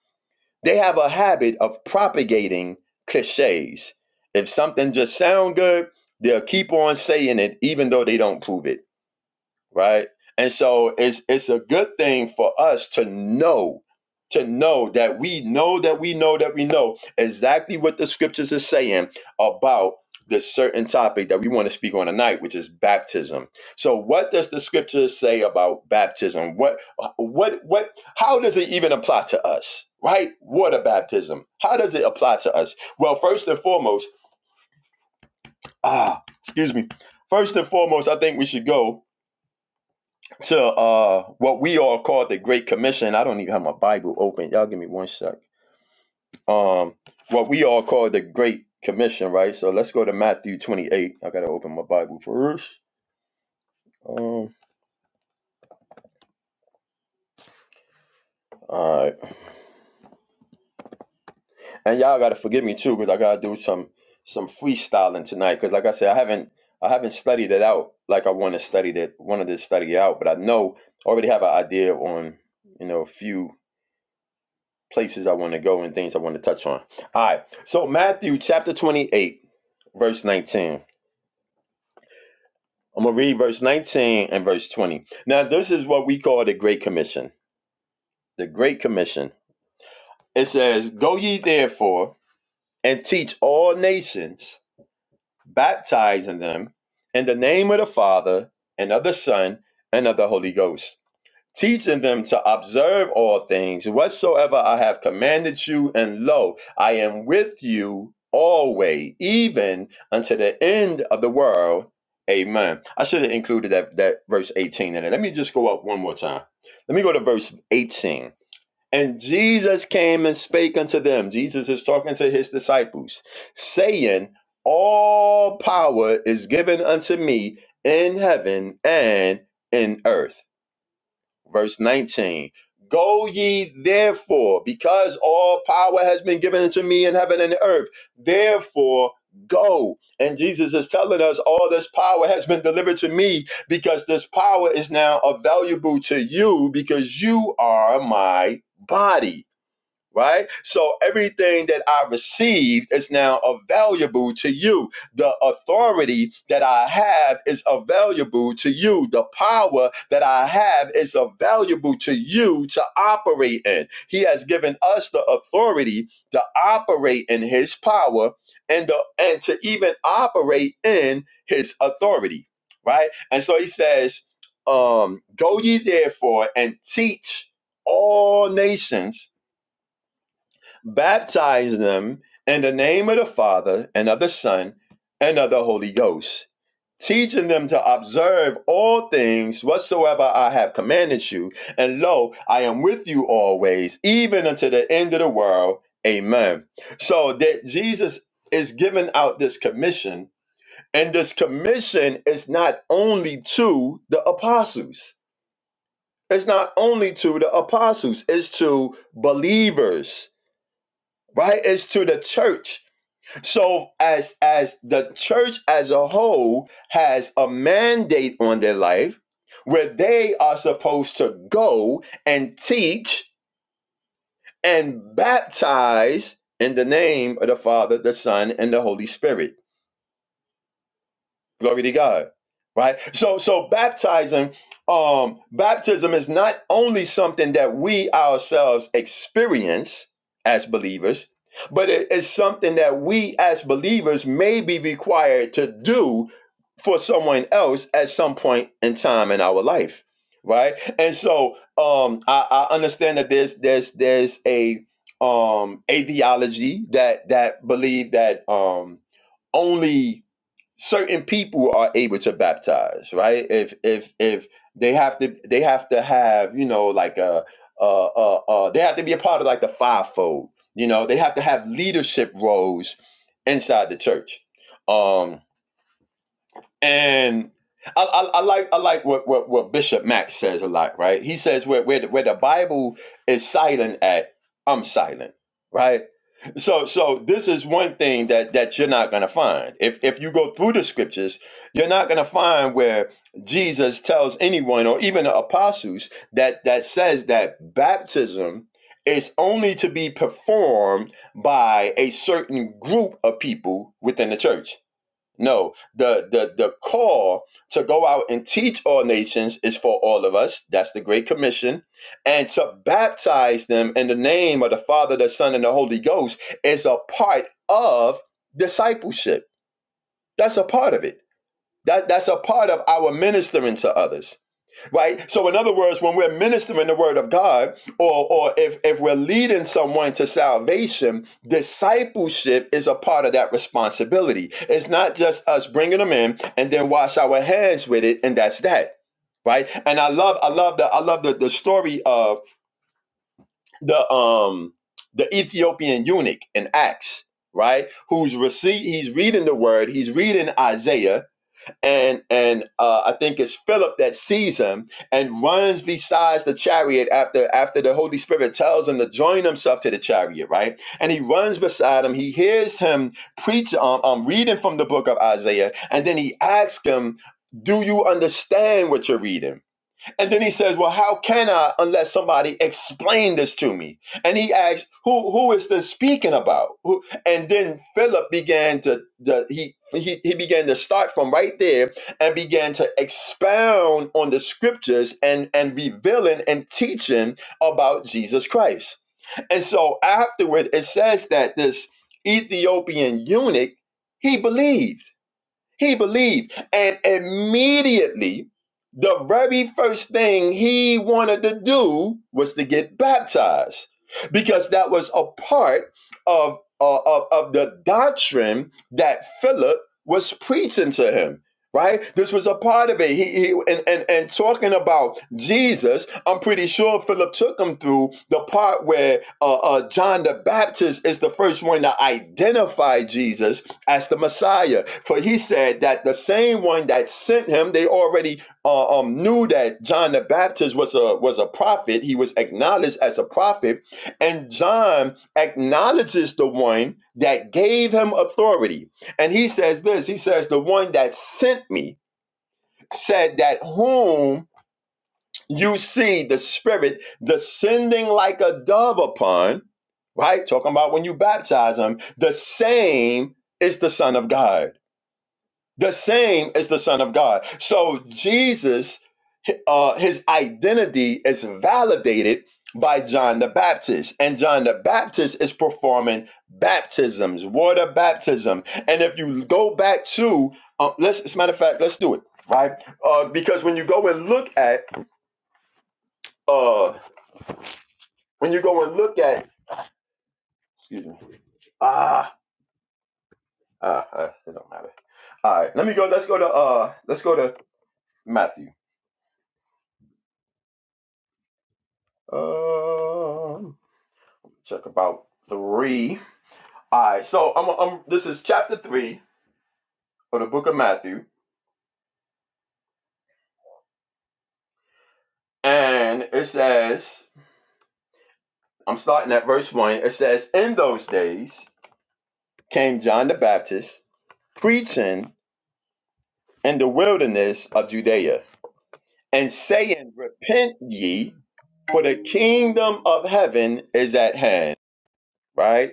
S2: They have a habit of propagating cliches. If something just sound good, they'll keep on saying it, even though they don't prove it right? And so it's it's a good thing for us to know to know that we know that we know that we know exactly what the scriptures are saying about this certain topic that we want to speak on tonight, which is baptism. So, what does the scriptures say about baptism? What what what? How does it even apply to us? Right? Water baptism. How does it apply to us? Well, first and foremost, ah, excuse me. First and foremost, I think we should go to uh what we all call the Great Commission. I don't even have my Bible open. Y'all give me one sec. Um what we all call the Great Commission, right? So let's go to Matthew 28. I gotta open my Bible first. Um all right. And y'all gotta forgive me too, because I gotta do some some freestyling tonight. Cause like I said, I haven't I haven't studied it out like I want to study that wanted to study it out, but I know I already have an idea on, you know, a few places I want to go and things I want to touch on. All right. So Matthew chapter 28, verse 19. I'm going to read verse 19 and verse 20. Now, this is what we call the Great Commission. The Great Commission. It says, Go ye therefore and teach all nations, baptizing them in the name of the Father and of the Son and of the Holy Ghost teaching them to observe all things whatsoever I have commanded you. And lo, I am with you always, even unto the end of the world. Amen. I should have included that, that verse 18 in it. Let me just go up one more time. Let me go to verse 18. And Jesus came and spake unto them. Jesus is talking to his disciples, saying, All power is given unto me in heaven and in earth verse 19 go ye therefore because all power has been given unto me in heaven and earth therefore go and jesus is telling us all this power has been delivered to me because this power is now available to you because you are my body right? So everything that I received is now available to you. The authority that I have is available to you. The power that I have is available to you to operate in. He has given us the authority to operate in his power and the and to even operate in his authority, right? And so he says, um, go ye therefore and teach all nations baptize them in the name of the Father and of the Son and of the Holy Ghost, teaching them to observe all things whatsoever I have commanded you. And lo, I am with you always, even unto the end of the world. Amen. So that Jesus is giving out this commission, and this commission is not only to the apostles. It's not only to the apostles, it's to believers, right? It's to the church so as as the church as a whole has a mandate on their life where they are supposed to go and teach and baptize in the name of the Father, the Son, and the Holy Spirit. Glory to God. Right? So so baptizing, um, baptism is not only something that we ourselves experience as believers, but it is something that we as believers may be required to do for someone else at some point in time in our life. Right? And so um I, I understand that there's there's there's a um a theology that that believe that um only certain people are able to baptize, right? If if if they have to they have to have, you know, like a uh uh uh they have to be a part of like the fivefold. You know, they have to have leadership roles inside the church. Um and I, I, I like I like what, what, what Bishop Max says a lot, right? He says where where the, where the Bible is silent at, I'm silent, right? So so this is one thing that that you're not gonna find. If if you go through the scriptures, you're not gonna find where Jesus tells anyone or even the apostles that that says that baptism is only to be performed by a certain group of people within the church no, the the the call to go out and teach all nations is for all of us. That's the Great Commission, and to baptize them in the name of the Father, the Son, and the Holy Ghost is a part of discipleship. That's a part of it. That that's a part of our ministering to others right? So, in other words, when we're ministering the word of God, or or if if we're leading someone to salvation, discipleship is a part of that responsibility. It's not just us bringing them in and then wash our hands with it, and that's that, right? And I love I love the I love the the story of the um the Ethiopian eunuch in Acts. Right, who's receive? He's reading the word. He's reading Isaiah, and and uh, I think it's Philip that sees him and runs besides the chariot after after the Holy Spirit tells him to join himself to the chariot, right? And he runs beside him. He hears him preach, um, um reading from the book of Isaiah, and then he asks him, "Do you understand what you're reading?" And then he says, Well, how can I unless somebody explain this to me? And he asked, Who who is this speaking about? Who, and then Philip began to the he, he he began to start from right there and began to expound on the scriptures and and revealing and teaching about Jesus Christ. And so afterward it says that this Ethiopian eunuch, he believed he believed. And immediately, the very first thing he wanted to do was to get baptized because that was a part of, uh, of, of the doctrine that Philip was preaching to him. Right? This was a part of it. He, he and, and and talking about Jesus, I'm pretty sure Philip took him through the part where uh, uh, John the Baptist is the first one to identify Jesus as the Messiah. For he said that the same one that sent him, they already uh, um, knew that John the Baptist was a was a prophet. He was acknowledged as a prophet, and John acknowledges the one that gave him authority. And he says this: He says, "The one that sent me." Said that whom you see the Spirit descending like a dove upon, right? Talking about when you baptize him, the same is the Son of God the same as the Son of God. So Jesus, uh, his identity is validated by John the Baptist, and John the Baptist is performing baptisms, water baptism. And if you go back to, uh, let's, as a matter of fact, let's do it right, uh, because when you go and look at, uh, when you go and look at, excuse me, ah, ah, ah, it don't matter. All right, let me go. Let's go to, uh, let's go to Matthew. Um Check about three. All right, so I'm, I'm. This is chapter three of the book of Matthew, and it says, I'm starting at verse one. It says, "In those days came John the Baptist preaching in the wilderness of Judea, and saying, Repent ye, for the kingdom of heaven is at hand." Right.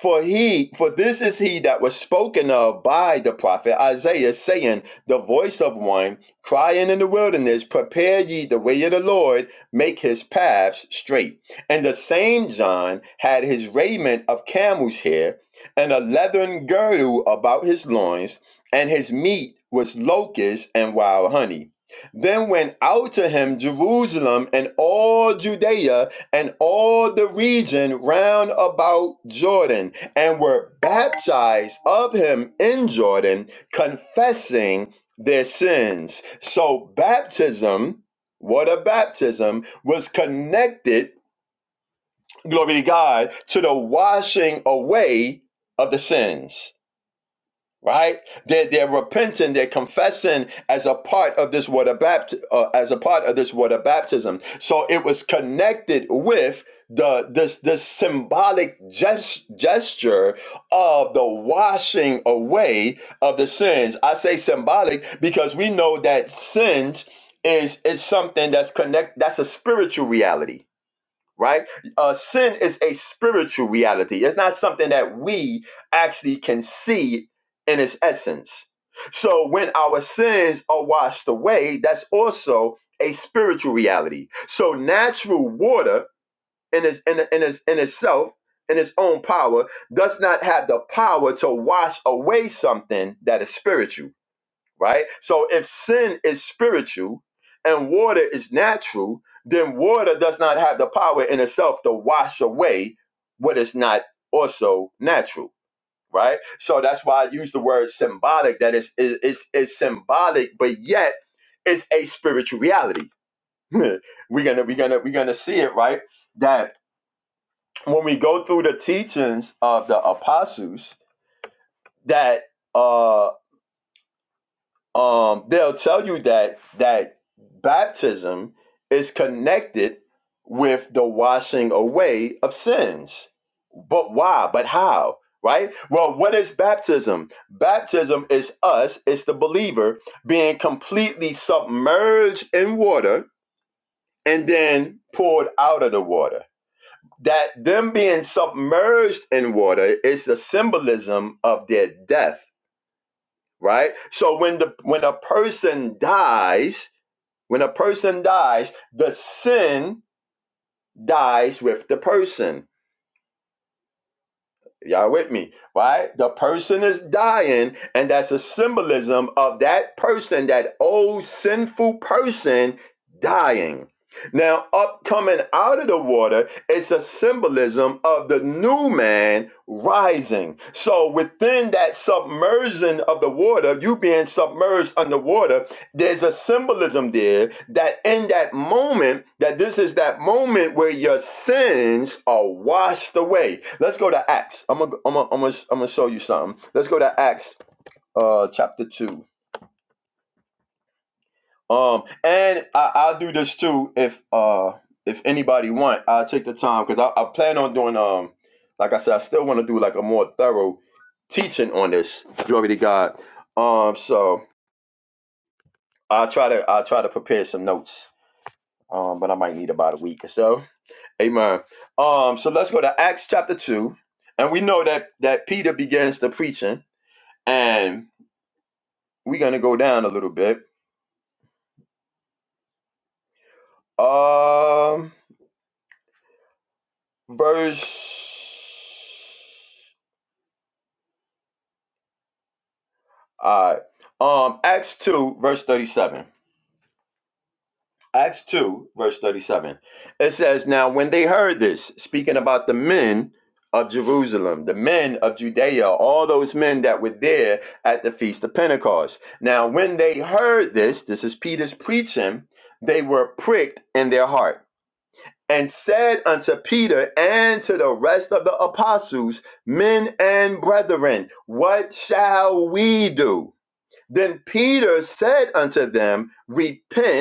S2: For he, for this is he that was spoken of by the prophet Isaiah, saying, The voice of one crying in the wilderness, Prepare ye the way of the Lord, make his paths straight. And the same John had his raiment of camel's hair, and a leathern girdle about his loins, and his meat was locusts and wild honey. Then went out to him Jerusalem and all Judea and all the region round about Jordan, and were baptized of him in Jordan, confessing their sins. So, baptism, water baptism, was connected, glory to God, to the washing away of the sins right? They're, they're repenting, they're confessing as a part of this water bapt- uh, as a part of this water baptism. So it was connected with the this this symbolic gest- gesture of the washing away of the sins. I say symbolic because we know that sins is is something that's connect that's a spiritual reality right? Uh, sin is a spiritual reality. It's not something that we actually can see in its essence. So when our sins are washed away, that's also a spiritual reality. So natural water in its in, in its in itself, in its own power, does not have the power to wash away something that is spiritual right? So if sin is spiritual and water is natural, then water does not have the power in itself to wash away what is not also natural, right? So that's why I use the word symbolic, that is is is, is symbolic, but yet it's a spiritual reality. *laughs* we're gonna we're gonna we're gonna see it, right? That when we go through the teachings of the apostles, that uh. um, they'll tell you that that baptism is connected with the washing away of sins. But why? But how? Right? Well, what is baptism? Baptism is us, it's the believer being completely submerged in water and then poured out of the water. That them being submerged in water is the symbolism of their death, right? So when the when a person dies, when a person dies, the sin dies with the person. Y'all with me, right? The person is dying, and that's a symbolism of that person, that old sinful person dying. Now, up coming out of the water, it's a symbolism of the new man rising. So, within that submersion of the water, you being submerged underwater, there's a symbolism there that in that moment that this is that moment where your sins are washed away let's go to acts i'm gonna i'm gonna i'm gonna, I'm gonna show you something let's go to acts uh chapter 2 um and I, i'll do this too if uh if anybody want i'll take the time because I, I plan on doing um like i said i still want to do like a more thorough teaching on this glory to god um so i'll try to i'll try to prepare some notes Um, but I might need about a week or so. Amen. Um, so let's go to Acts chapter two, and we know that that Peter begins the preaching, and we're gonna go down a little bit. Um, verse. All right. Um, Acts two, verse thirty-seven. Acts 2, verse 37. It says, Now when they heard this, speaking about the men of Jerusalem, the men of Judea, all those men that were there at the Feast of Pentecost. Now when they heard this, this is Peter's preaching, they were pricked in their heart. And said unto Peter and to the rest of the apostles, Men and brethren, what shall we do? Then Peter said unto them, Repent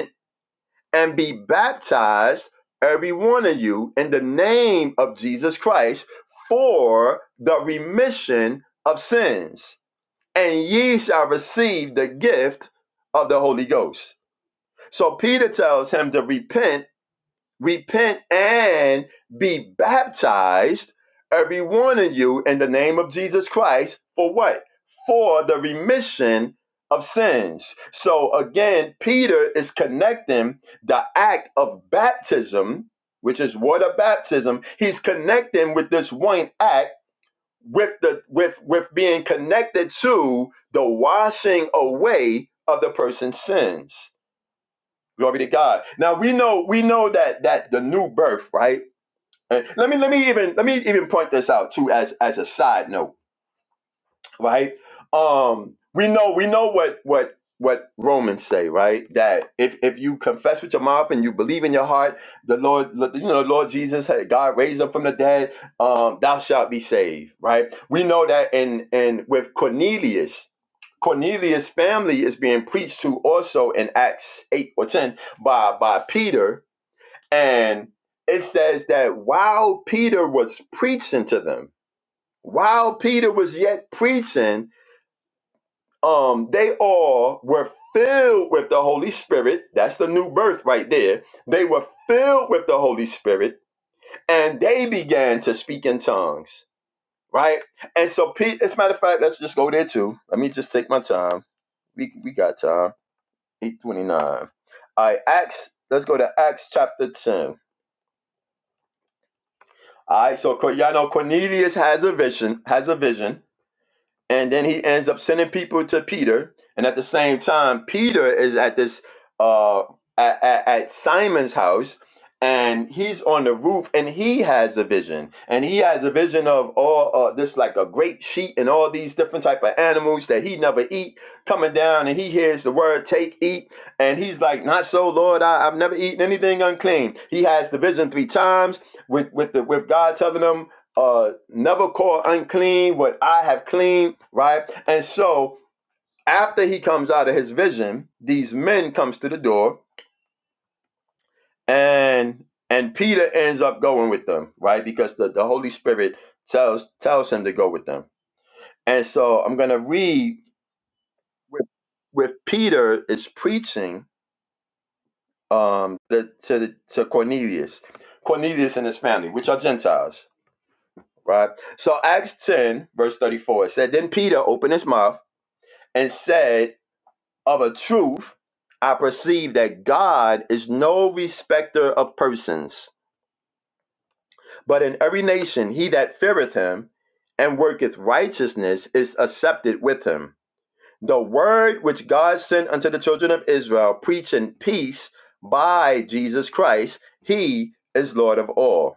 S2: and be baptized, every one of you, in the name of Jesus Christ for the remission of sins, and ye shall receive the gift of the Holy Ghost. So Peter tells him to repent repent and be baptized, every one of you, in the name of Jesus Christ, for what? For the remission of sins. So again, Peter is connecting the act of baptism, which is water baptism, he's connecting with this one act with the with with being connected to the washing away of the person's sins. Glory to God. Now we know we know that that the new birth, right? And Let me let me even let me even point this out too as as a side note, right? Um we know we know what what what Romans say, right? That if if you confess with your mouth and you believe in your heart, the Lord you know the Lord Jesus had- God raised him from the dead, um thou shalt be saved, right? We know that in in with Cornelius Cornelius' family is being preached to also in Acts 8 or 10 by by Peter, and it says that while Peter was preaching to them, while Peter was yet preaching, um, they all were filled with the Holy Spirit. That's the new birth right there. They were filled with the Holy Spirit and they began to speak in tongues, right? And so, Pete, as a matter of fact, let's just go there too. Let me just take my time. We, we got time. 829. All right, Acts, let's go to Acts chapter 10. All right, so Cor- y'all know Cornelius has a vision, has a vision, and then he ends up sending people to Peter. And at the same time, Peter is at this uh, at, at, at Simon's house, and he's on the roof, and he has a vision, and he has a vision of all uh, this like a great sheet and all these different type of animals that he never eat coming down, and he hears the word take eat, and he's like, not so, Lord, I, I've never eaten anything unclean. He has the vision three times with with the, with God telling him uh, never call unclean what I have cleaned, right? And so after he comes out of his vision, these men comes to the door and and Peter ends up going with them, right? Because the, the Holy Spirit tells tells him to go with them. And so I'm gonna read with with Peter is preaching um the, to the, to Cornelius, Cornelius and his family, which are Gentiles, right? So Acts 10, verse 34, it said, Then Peter opened his mouth and said, Of a truth, I perceive that God is no respecter of persons, but in every nation he that feareth him and worketh righteousness is accepted with him. The word which God sent unto the children of Israel, preaching peace by Jesus Christ, he is Lord of all.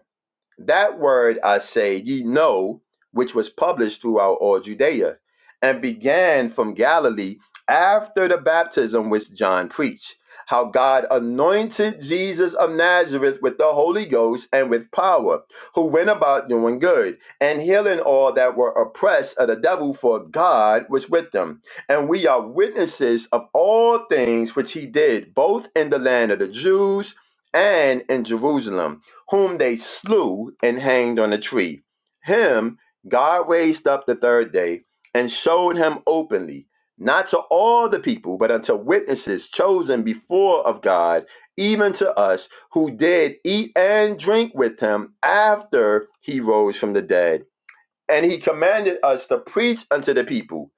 S2: That word I say ye know, which was published throughout all Judea, and began from Galilee after the baptism which John preached, how God anointed Jesus of Nazareth with the Holy Ghost and with power, who went about doing good, and healing all that were oppressed of the devil, for God was with them. And we are witnesses of all things which he did, both in the land of the Jews and in Jerusalem whom they slew and hanged on a tree. Him God raised up the third day and showed him openly, not to all the people, but unto witnesses chosen before of God, even to us who did eat and drink with him after he rose from the dead. And he commanded us to preach unto the people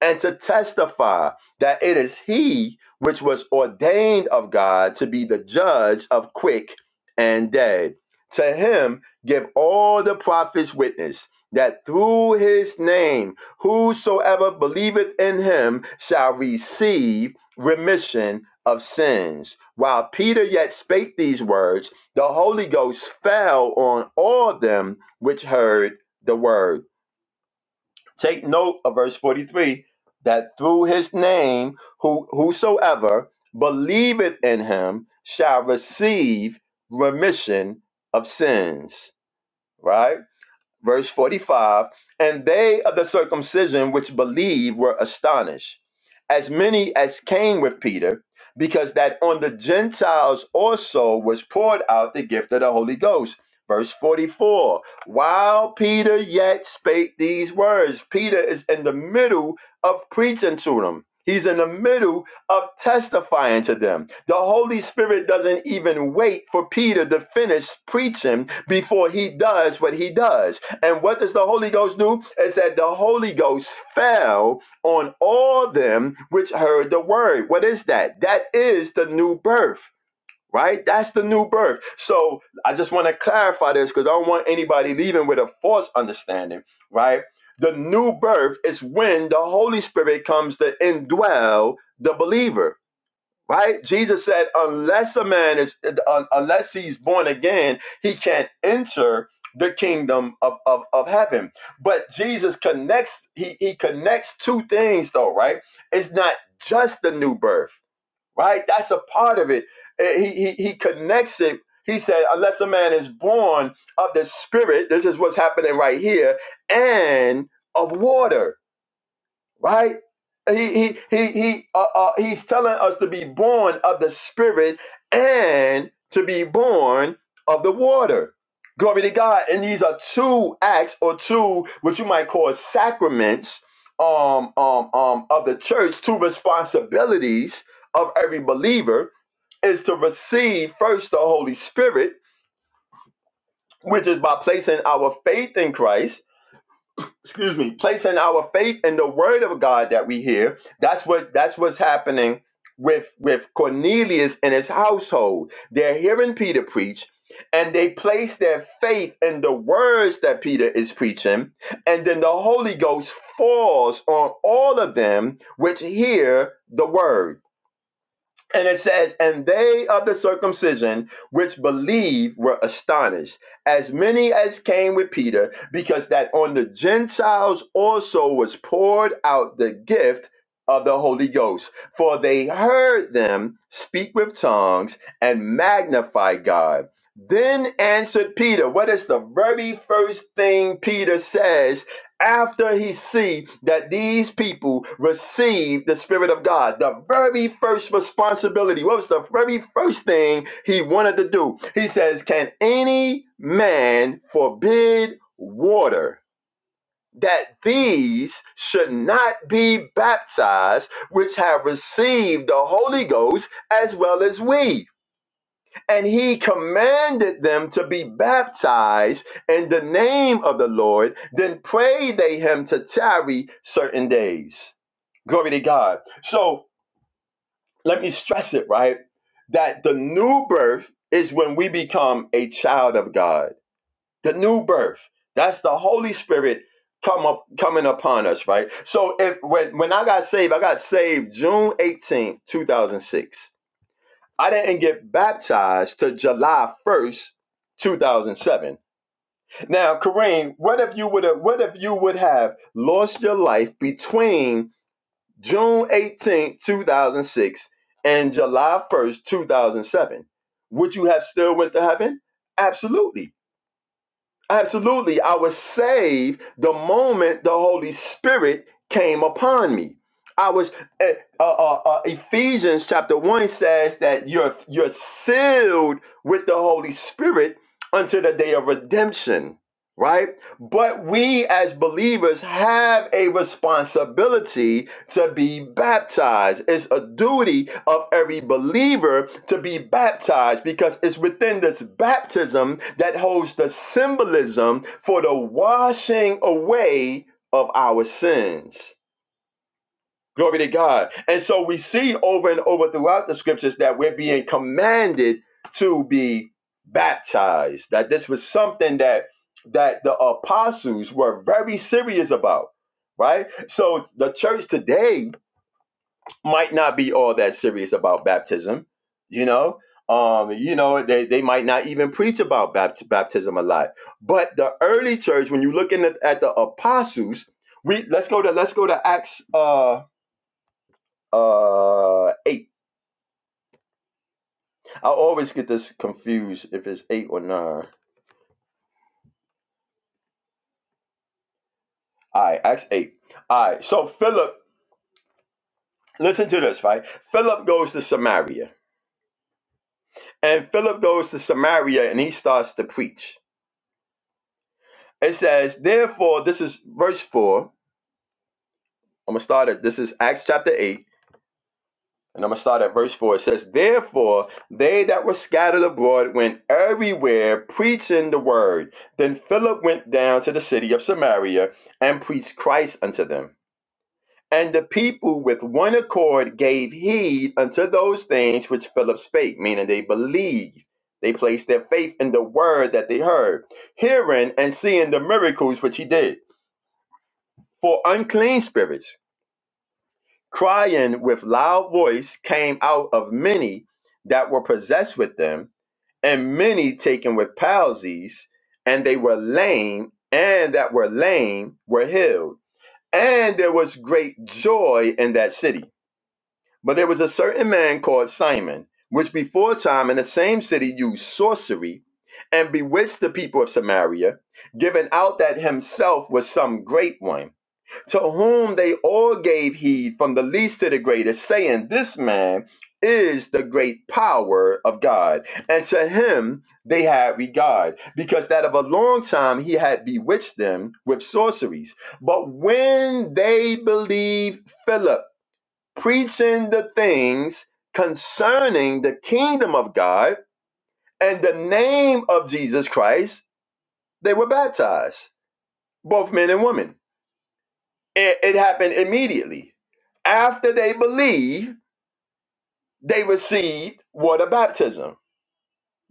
S2: and to testify that it is he which was ordained of God to be the judge of quick and dead. To him give all the prophets witness that through his name whosoever believeth in him shall receive remission of sins. While Peter yet spake these words, the Holy Ghost fell on all them which heard the word Take note of verse 43 that through his name, who, whosoever believeth in him shall receive remission of sins. Right? verse 45 and they of the circumcision which believed were astonished as many as came with peter because that on the gentiles also was poured out the gift of the holy ghost verse 44 while peter yet spake these words peter is in the middle of preaching to them He's in the middle of testifying to them. The Holy Spirit doesn't even wait for Peter to finish preaching before he does what he does and what does the Holy Ghost do? It said the Holy Ghost fell on all them which heard the word. What is that? That is the new birth, right? That's the new birth. So I just want to clarify this because I don't want anybody leaving with a false understanding, right? The new birth is when the Holy Spirit comes to indwell the believer right? Jesus said, unless a man is, un- unless he's born again, he can't enter the kingdom of, of, of heaven. But Jesus connects, he, he connects two things though, right? It's not just the new birth, right? That's a part of it. Eh, He, he, he connects it. He said, unless a man is born of the spirit, this is what's happening right here, and of water right? He he he he uh, uh, he's telling us to be born of the spirit and to be born of the water. Glory to God. And these are two acts or two what you might call sacraments um um um of the church, two responsibilities of every believer is to receive first the Holy Spirit, which is by placing our faith in Christ excuse me, placing our faith in the word of God that we hear. That's what that's what's happening with with Cornelius and his household. They're hearing Peter preach and they place their faith in the words that Peter is preaching, and then the Holy Ghost falls on all of them which hear the word. And it says, And they of the circumcision which believe were astonished, as many as came with Peter, because that on the Gentiles also was poured out the gift of the Holy Ghost. For they heard them speak with tongues and magnify God. Then answered Peter, What is the very first thing Peter says after he see that these people receive the spirit of god the very first responsibility what was the very first thing he wanted to do he says can any man forbid water that these should not be baptized which have received the holy ghost as well as we and he commanded them to be baptized in the name of the Lord. Then prayed they him to tarry certain days. Glory to God. So let me stress it, right? That the new birth is when we become a child of God. The new birth. That's the Holy Spirit come up coming upon us, right? So if when when I got saved, I got saved June eighteenth, two 2006. I didn't get baptized to July 1st, 2007. Now, Kareem, what if you would have what if you would have lost your life between June eighteenth, two 2006 and July 1st, 2007? Would you have still went to heaven? Absolutely. Absolutely. I was saved the moment the Holy Spirit came upon me. I was eh, uh, uh, uh, Ephesians chapter 1 says that you're you're sealed with the Holy Spirit until the day of redemption, right? But we as believers have a responsibility to be baptized. It's a duty of every believer to be baptized because it's within this baptism that holds the symbolism for the washing away of our sins. Glory to God. And so we see over and over throughout the scriptures that we're being commanded to be baptized. That this was something that that the apostles were very serious about, right? So the church today might not be all that serious about baptism, you know. Um, you know, they, they might not even preach about bapt- baptism a lot. But the early church, when you look looking at, at the apostles, we let's go to let's go to Acts uh uh eight. I always get this confused if it's eight or nine. All right, Acts eight. All right, so Philip, listen to this, right? Philip goes to Samaria, and Philip goes to Samaria, and he starts to preach. It says, therefore, this is verse four. I'm gonna start at this is Acts chapter eight, and I'm gonna start at verse four. It says, "Therefore they that were scattered abroad went everywhere preaching the word. Then Philip went down to the city of Samaria and preached Christ unto them. And the people with one accord gave heed unto those things which Philip spake, meaning they believed." They placed their faith in the word that they heard, hearing and seeing the miracles which he did. For unclean spirits crying with loud voice came out of many that were possessed with them, and many taken with palsies, and they were lame, and that were lame were healed. And there was great joy in that city. But there was a certain man called Simon, which before time in the same city used sorcery and bewitched the people of Samaria, giving out that himself was some great one to whom they all gave heed from the least to the greatest, saying, This man is the great power of God. And to him they had regard, because that of a long time he had bewitched them with sorceries. But when they believed Philip preaching the things concerning the kingdom of God and the name of Jesus Christ, they were baptized, both men and women. It, it happened immediately. After they believed, they received water baptism.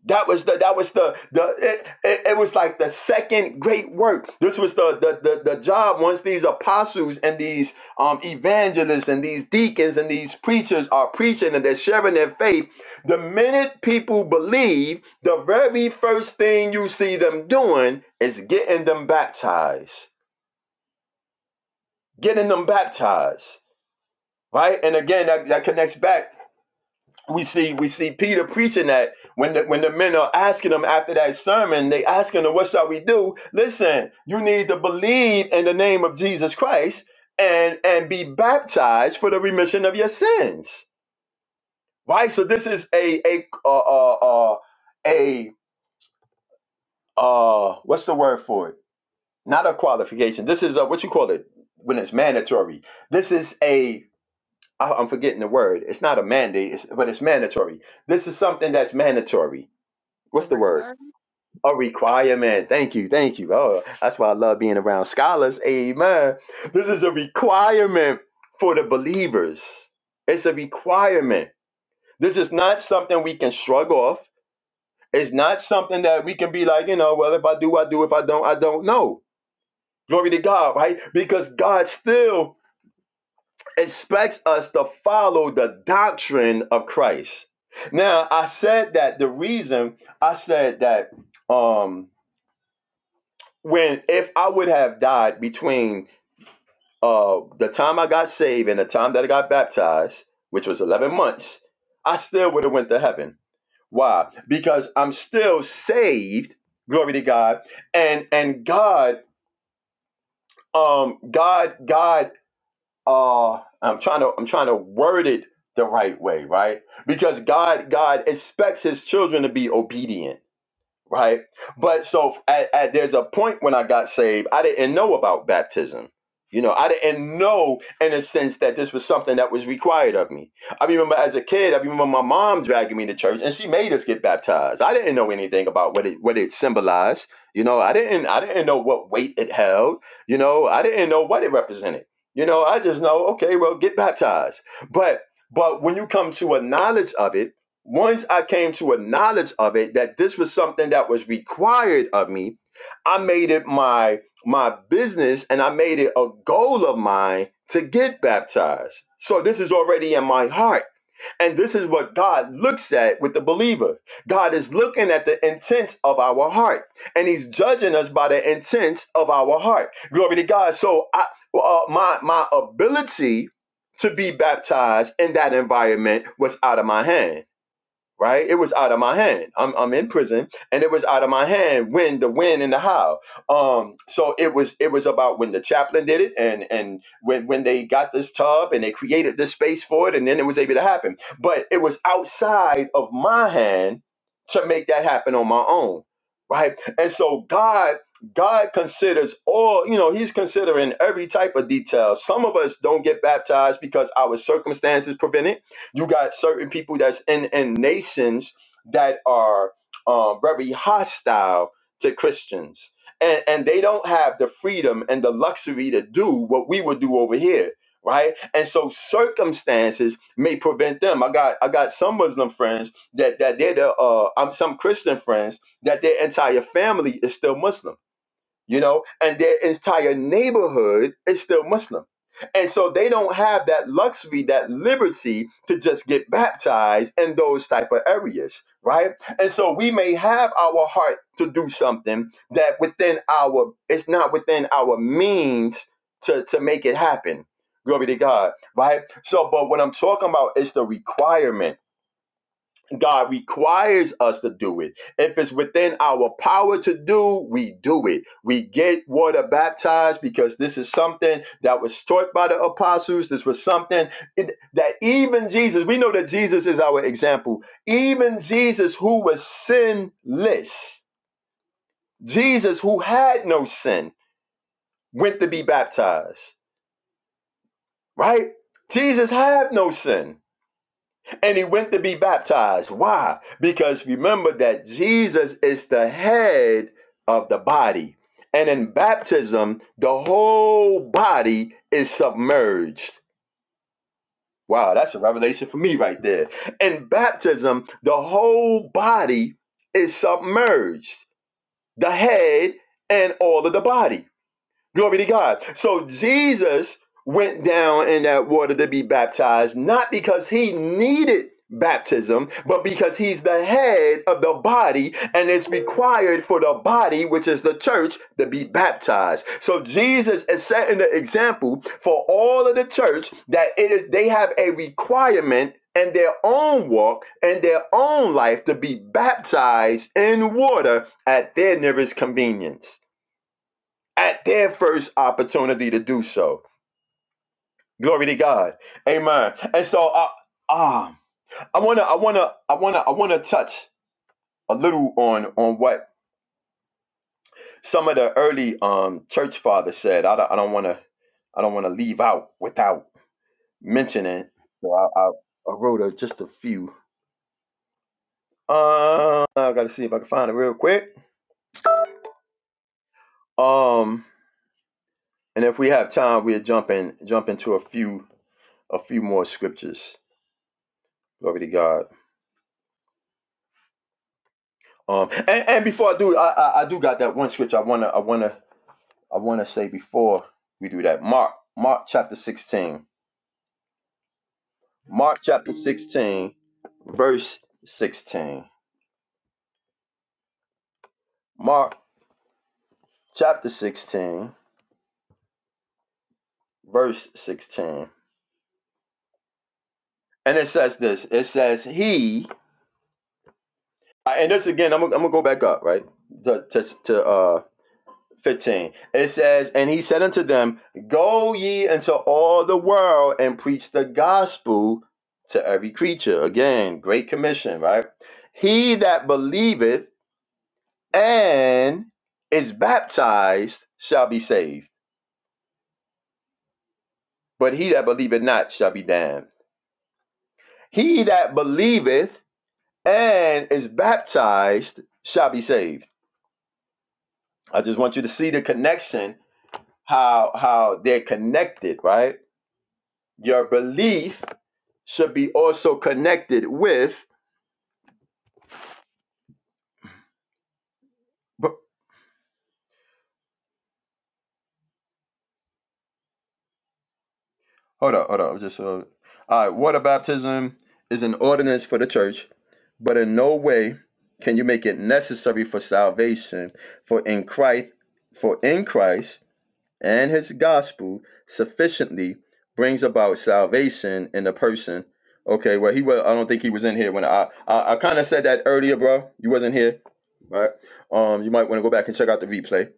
S2: That was the that was the the it, it, it was like the second great work. This was the, the the the job once these apostles and these um evangelists and these deacons and these preachers are preaching and they're sharing their faith. The minute people believe, the very first thing you see them doing is getting them baptized. Getting them baptized. right? And again, that, that connects back. We see we see Peter preaching that when the, when the men are asking him after that sermon, they asking him, "What shall we do?" Listen, you need to believe in the name of Jesus Christ and and be baptized for the remission of your sins, right? So this is a a uh, uh, uh, a uh, what's the word for it? Not a qualification. This is a, what you call it when it's mandatory. This is a I, I'm forgetting the word. It's not a mandate, it's, but it's mandatory. This is something that's mandatory.
S6: The
S2: What's the word?
S6: requirement
S2: A requirement. Thank you. Thank you. Oh, that's why I love being around scholars. Amen. This is a requirement for the believers. It's a requirement. This is not something we can shrug off. It's not something that we can be like, you know, well, if I do, I do. If I don't, I don't. No. Glory to God, right? Because God still expects us to follow the doctrine of Christ. Now, I said that the reason I said that um when if I would have died between uh the time I got saved and the time that I got baptized, which was 11 months, I still would have went to heaven. Why? Because I'm still saved, glory to God, and and God um God God uh I'm trying to I'm trying to word it the right way, right? Because God God expects his children to be obedient right? But so at, at, there's a point when I got saved, I didn't know about baptism. You know, I didn't know in a sense that this was something that was required of me. I remember as a kid, I remember my mom dragging me to church and she made us get baptized. I didn't know anything about what it what it symbolized. You know, I didn't I didn't know what weight it held. You know, I didn't know what it represented. You know, I just know, okay, well, get baptized. But but when you come to a knowledge of it, once I came to a knowledge of it that this was something that was required of me, I made it my my business and I made it a goal of mine to get baptized. So this is already in my heart. And this is what God looks at with the believer. God is looking at the intents of our heart and he's judging us by the intents of our heart. Glory to God. So I uh, my my ability to be baptized in that environment was out of my hand right? It was out of my hand. I'm I'm in prison, and it was out of my hand when the when and the how. Um, so it was it was about when the chaplain did it, and and when when they got this tub and they created this space for it, and then it was able to happen. But it was outside of my hand to make that happen on my own, right? And so God. God considers all, you know, He's considering every type of detail. Some of us don't get baptized because our circumstances prevent it you got certain people that's in, in nations that are um, very hostile to Christians. And, and they don't have the freedom and the luxury to do what we would do over here, right? And so circumstances may prevent them. I got I got some Muslim friends that that they're the uh, I'm some Christian friends that their entire family is still Muslim you know, and their entire neighborhood is still Muslim. And so they don't have that luxury, that liberty to just get baptized in those type of areas, right? And so we may have our heart to do something that within our, it's not within our means to, to make it happen. Glory to God, right? So, but what I'm talking about is the requirement God requires us to do it. If it's within our power to do, we do it. We get water baptized because this is something that was taught by the apostles. This was something that even Jesus, we know that Jesus is our example. Even Jesus, who was sinless, Jesus, who had no sin, went to be baptized, right? Jesus had no sin and he went to be baptized. Why? Because remember that Jesus is the head of the body. And in baptism, the whole body is submerged. Wow, that's a revelation for me right there. In baptism, the whole body is submerged, the head and all of the body. Glory to God. So Jesus went down in that water to be baptized, not because he needed baptism, but because he's the head of the body and it's required for the body, which is the church, to be baptized. So Jesus is setting the example for all of the church that it is they have a requirement in their own walk and their own life to be baptized in water at their nearest convenience at their first opportunity to do so. Glory to God. Amen. And so I ah I wanna I wanna I wanna I wanna touch a little on on what some of the early um church fathers said. I don't I don't wanna I don't wanna leave out without mentioning. So I I, I wrote a, just a few. Uh I gotta see if I can find it real quick. Um and if we have time we'll jump in jump into a few a few more scriptures. Glory to God. Um, and, and before I do, I, I I do got that one switch. I wanna I wanna I wanna say before we do that. Mark Mark chapter sixteen. Mark chapter sixteen, verse sixteen. Mark chapter sixteen, verse sixteen. And it says this. It says he. And this again, I'm gonna, I'm gonna go back up right to to, to uh 15. It says, And he said unto them, Go ye into all the world and preach the gospel to every creature. Again, great commission, right? He that believeth and is baptized shall be saved, but he that believeth not shall be damned. He that believeth and is baptized shall be saved. I just want you to see the connection, how how they're connected, right? Your belief should be also connected with. But, hold on, hold on. Just uh, all right. Water baptism is an ordinance for the church, but in no way can you make it necessary for salvation. For in Christ, for in Christ. and his gospel sufficiently brings about salvation in a person. Okay, well he was I don't think he was in here when I I, I kind of said that earlier, bro. You wasn't here, right? Um, you might want to go back and check out the replay.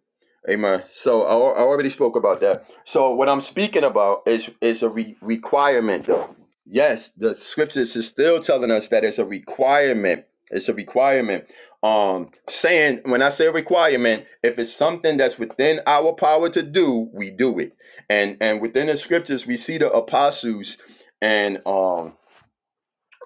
S2: Amen. So I, al- I already spoke about that. So what I'm speaking about is is a re- requirement, though. Yes, the scriptures is still telling us that it's a requirement. It's a requirement um saying when i say requirement if it's something that's within our power to do we do it and and within the scriptures we see the apostles and um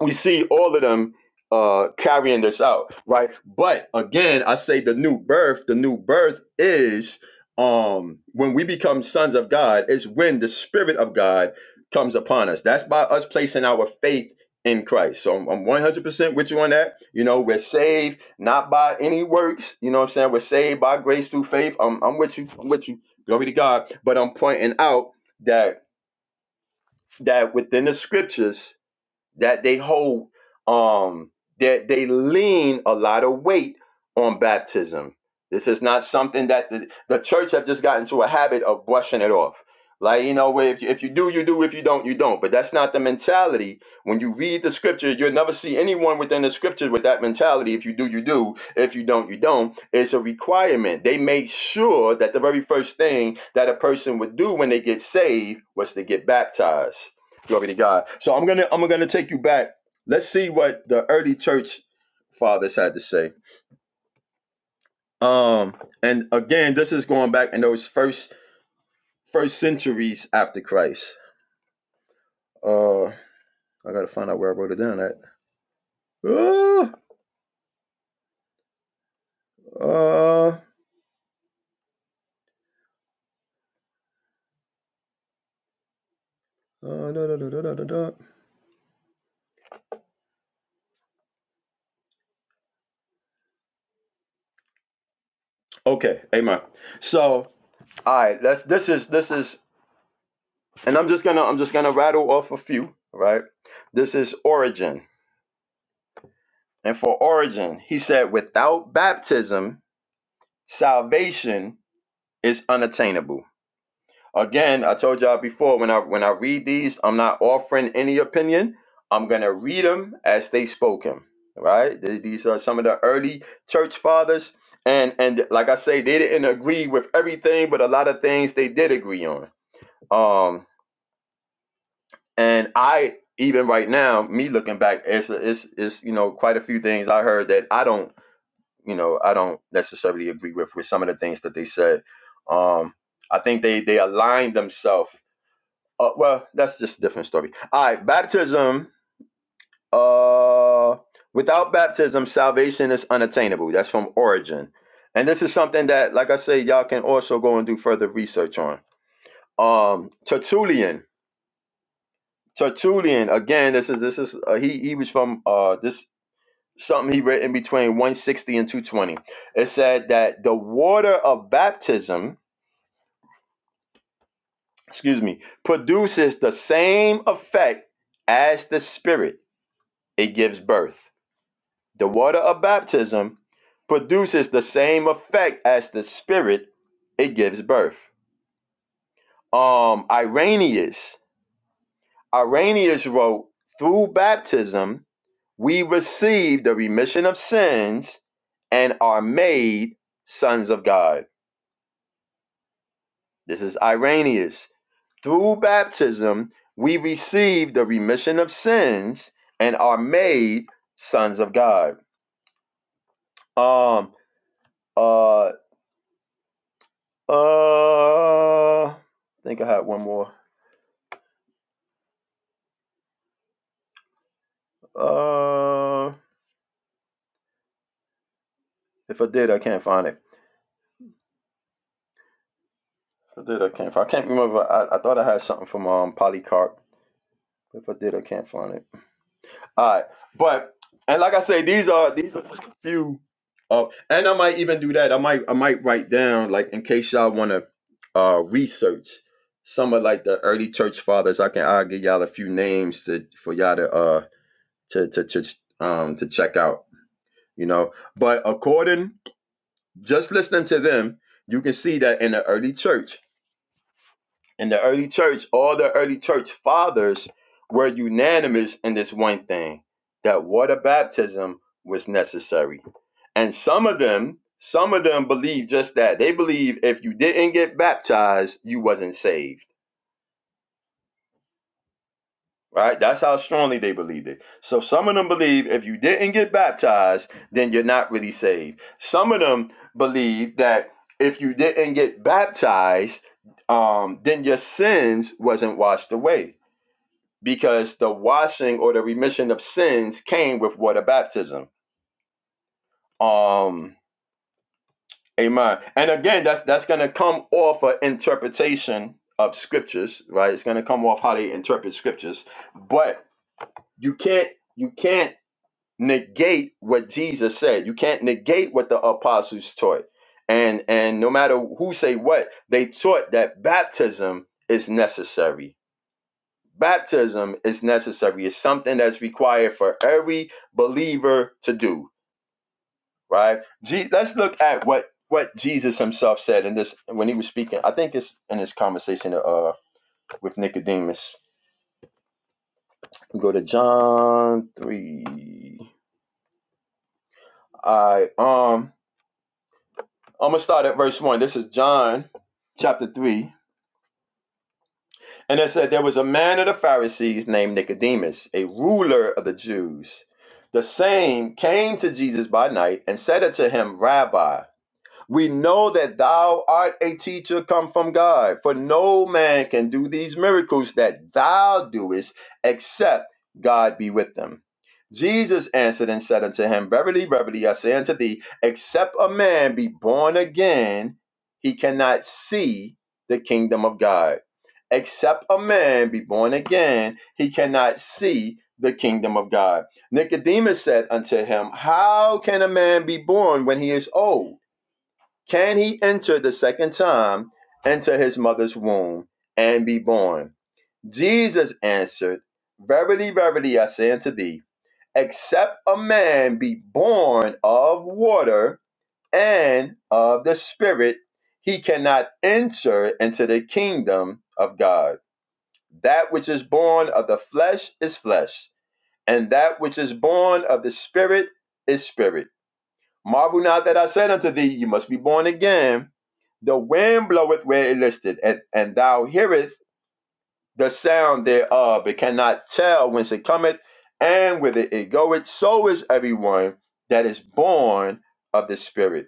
S2: we see all of them uh carrying this out right but again i say the new birth the new birth is um when we become sons of god is when the spirit of god comes upon us that's by us placing our faith in christ so i'm, I'm 100% with you on that you know we're saved not by any works you know what i'm saying we're saved by grace through faith i'm, I'm with you i'm with you glory to god but i'm pointing out that that within the scriptures that they hold um that they lean a lot of weight on baptism this is not something that the, the church have just gotten to a habit of brushing it off like you know where if you, if you do you do if you don't you don't but that's not the mentality when you read the scripture you'll never see anyone within the scriptures with that mentality if you do you do if you don't you don't it's a requirement they made sure that the very first thing that a person would do when they get saved was to get baptized Glory to God. So I'm gonna I'm gonna take you back. Let's see what the early church fathers had to say. Um, and again, this is going back in those first first centuries after Christ. Uh, I gotta find out where I wrote it down at. Uh, uh, uh, da, da, da, da, da, da, Okay, amen. So, all right, let's. This is this is, and I'm just gonna I'm just gonna rattle off a few. Right. This is Origin, and for Origin, he said, without baptism Salvation is unattainable. Again, I told y'all before when I when I read these, I'm not offering any opinion. I'm gonna read them as they spoke 'em, Right? Th- These are some of the early church fathers, and and like I say, they didn't agree with everything, but a lot of things they did agree on. Um, and I even right now, me looking back, it's it's, it's you know quite a few things I heard that I don't you know I don't necessarily agree with with some of the things that they said. Um, I think they they aligned themselves. Uh, well, that's just a different story. All right, baptism. Uh, without baptism, salvation is unattainable. That's from Origin, and this is something that, like I say, y'all can also go and do further research on. Um, Tertullian. Tertullian again. This is this is uh, he he was from uh this something he written between 160 and 220. It said that the water of baptism, excuse me, produces the same effect as the spirit it gives birth. The water of baptism produces the same effect as the spirit it gives birth. Um Irenaeus, Irenaeus wrote, through baptism we receive the remission of sins and are made sons of God This is Irenaeus. Through baptism, we receive the remission of sins and are made sons of God. Um, uh, uh, I think I had one more. Uh, if I did, I can't find it. If I did, I can't find it. I can't remember. I, I thought I had something from um, Polycarp. If I did, I can't find it. All right, but and like I say, these are these are just a few of, and I might even do that. I might I might write down like in case y'all want to uh research some of like the early church fathers. I can I'll give y'all a few names to for y'all to uh to to to um to check out. You know, but according just listening to them, you can see that in the early church. In the early church, all the early church fathers were unanimous in this one thing that water baptism was necessary. And some of them, some of them believe just that. They believe if you didn't get baptized, you wasn't saved. Right? That's how strongly they believed it. So some of them believe if you didn't get baptized, then you're not really saved. Some of them believe that if you didn't get baptized, um, then your sins wasn't washed away because the washing or the remission of sins came with water baptism. Um, amen. And again, that's that's gonna come off an interpretation of scriptures, right? It's gonna come off how they interpret scriptures, but you can't you can't negate what Jesus said. You can't negate what the apostles taught. And and no matter who say what, they taught that baptism is necessary Baptism is necessary. It's something that's required for every believer to do, right? Je- let's look at what what Jesus himself said in this when he was speaking. I think it's in his conversation uh with Nicodemus. We go to John 3. I um I'm going to start at verse 1. This is John chapter 3 And it said, There was a man of the Pharisees named Nicodemus, a ruler of the Jews. The same came to Jesus by night and said unto him, Rabbi, we know that thou art a teacher come from God, for no man can do these miracles that thou doest except God be with them. Jesus answered and said unto him, Verily, verily, I say unto thee, except a man be born again, he cannot see the kingdom of God. Except a man be born again, he cannot see the kingdom of God. Nicodemus said unto him, How can a man be born when he is old? Can he enter the second time into his mother's womb and be born? Jesus answered, Verily, verily, I say unto thee, except a man be born of water and of the Spirit, he cannot enter into the kingdom of God. That which is born of the flesh is flesh, and that which is born of the Spirit is spirit. Marvel not that I said unto thee, You must be born again. The wind bloweth where it listeth, and, and thou hearest the sound thereof, but cannot tell whence it cometh and whither it goeth. So is everyone that is born of the Spirit.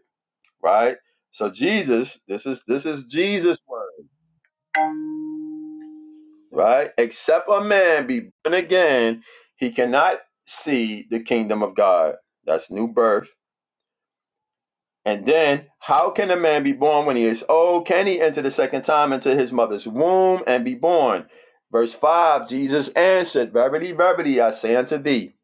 S2: Right. So Jesus, this is this is Jesus' word. Right. Except a man be born again, he cannot see the kingdom of God. That's new birth And then, how can a man be born when he is old? Can he enter the second time into his mother's womb and be born? Verse 5 Jesus answered, Verily, verily, I say unto thee,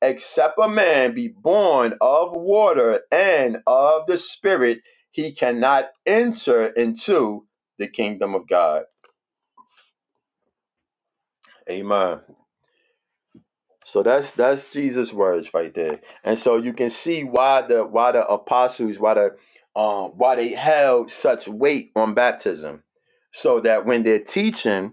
S2: except a man be born of water and of the Spirit, he cannot enter into the kingdom of God. Amen. So that's that's Jesus' words right there. And so you can see why the why the apostles, why the um why they held such weight on baptism. So that when they're teaching,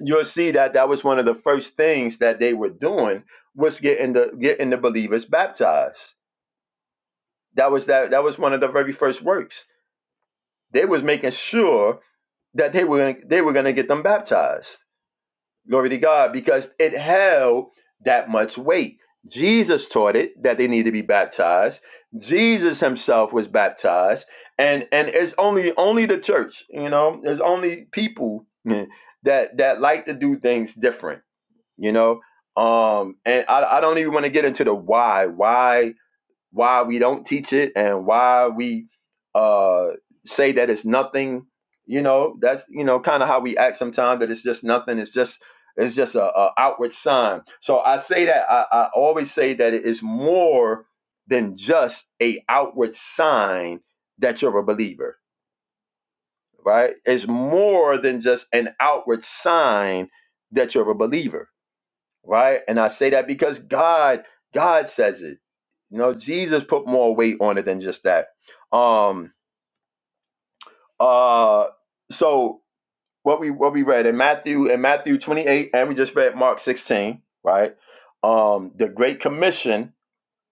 S2: you'll see that that was one of the first things that they were doing was getting the getting the believers baptized. That was that that was one of the very first works. They was making sure that they were they were going to get them baptized. Glory to God, because it held that much weight. Jesus taught it that they need to be baptized. Jesus himself was baptized. And and it's only only the church, you know, there's only people mm, that that like to do things different, you know. Um, and I, I don't even want to get into the why. Why why we don't teach it and why we uh say that it's nothing you know that's you know kind of how we act sometimes that it's just nothing it's just it's just a, a outward sign so i say that I, I always say that it is more than just a outward sign that you're a believer right it's more than just an outward sign that you're a believer right? And I say that because God, God says it. You know, Jesus put more weight on it than just that. Um, uh, so what we what we read in Matthew in Matthew 28, and we just read Mark 16, right? Um, the Great Commission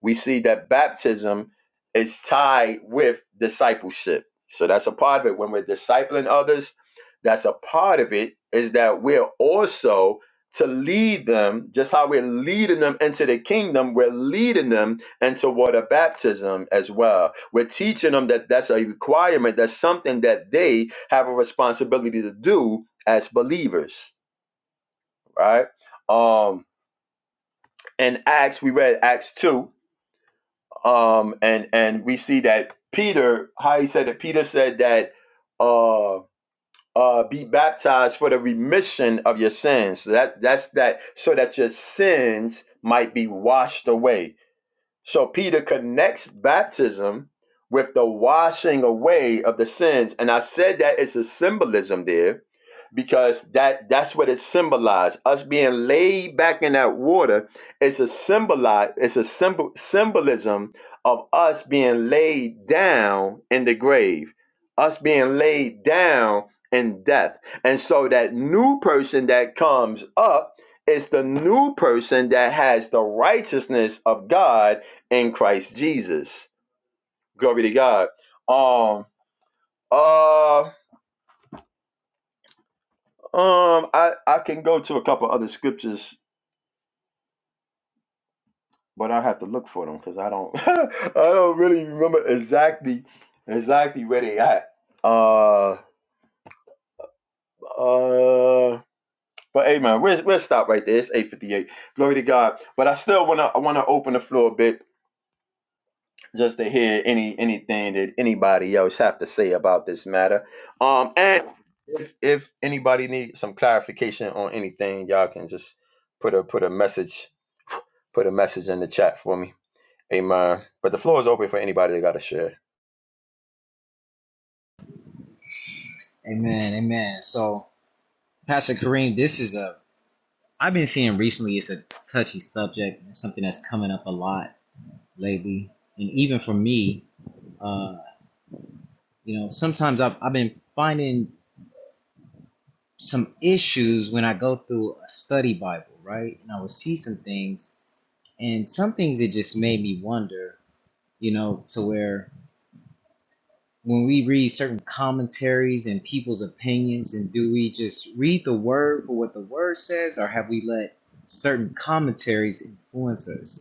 S2: we see that baptism is tied with discipleship. So that's a part of it. When we're discipling others, that's a part of it is that we're also to lead them, just how we're leading them into the kingdom, we're leading them into water baptism as well. We're teaching them that that's a requirement, that's something that they have a responsibility to do as believers, right? Um, in Acts, we read Acts 2, um and and we see that peter how he said that peter said that uh uh be baptized for the remission of your sins so that that's that so that your sins might be washed away so Peter connects baptism with the washing away of the sins. And I said that it's a symbolism there because that that's what it symbolized. Us being laid back in that water is a symbolize it's a symbol symbolism of us being laid down in the grave, us being laid down in death. And so that new person that comes up is the new person that has the righteousness of God in Christ Jesus. Glory to God. Um, uh, um, I I can go to a couple other scriptures, but I have to look for them because I don't *laughs* I don't really remember exactly exactly where they at. Uh, uh, but amen. We'll we'll stop right there. It's eight fifty eight. Glory to God. But I still wanna I wanna open the floor a bit just to hear any anything that anybody else have to say about this matter. Um, and if if anybody needs some clarification on anything, y'all can just put a put a message put a message in the chat for me. Amen. But the floor is open for anybody that got to share.
S3: Amen, amen. So Pastor Kareem, this is a I've been seeing recently it's a touchy subject. It's something that's coming up a lot lately. And even for me, uh, You know, sometimes I've, I've been finding some issues when I go through a study Bible, right? And I would see some things, and some things it just made me wonder, you know, to where when we read certain commentaries and people's opinions, and do we just read the word for what the word says, or have we let certain commentaries influence us?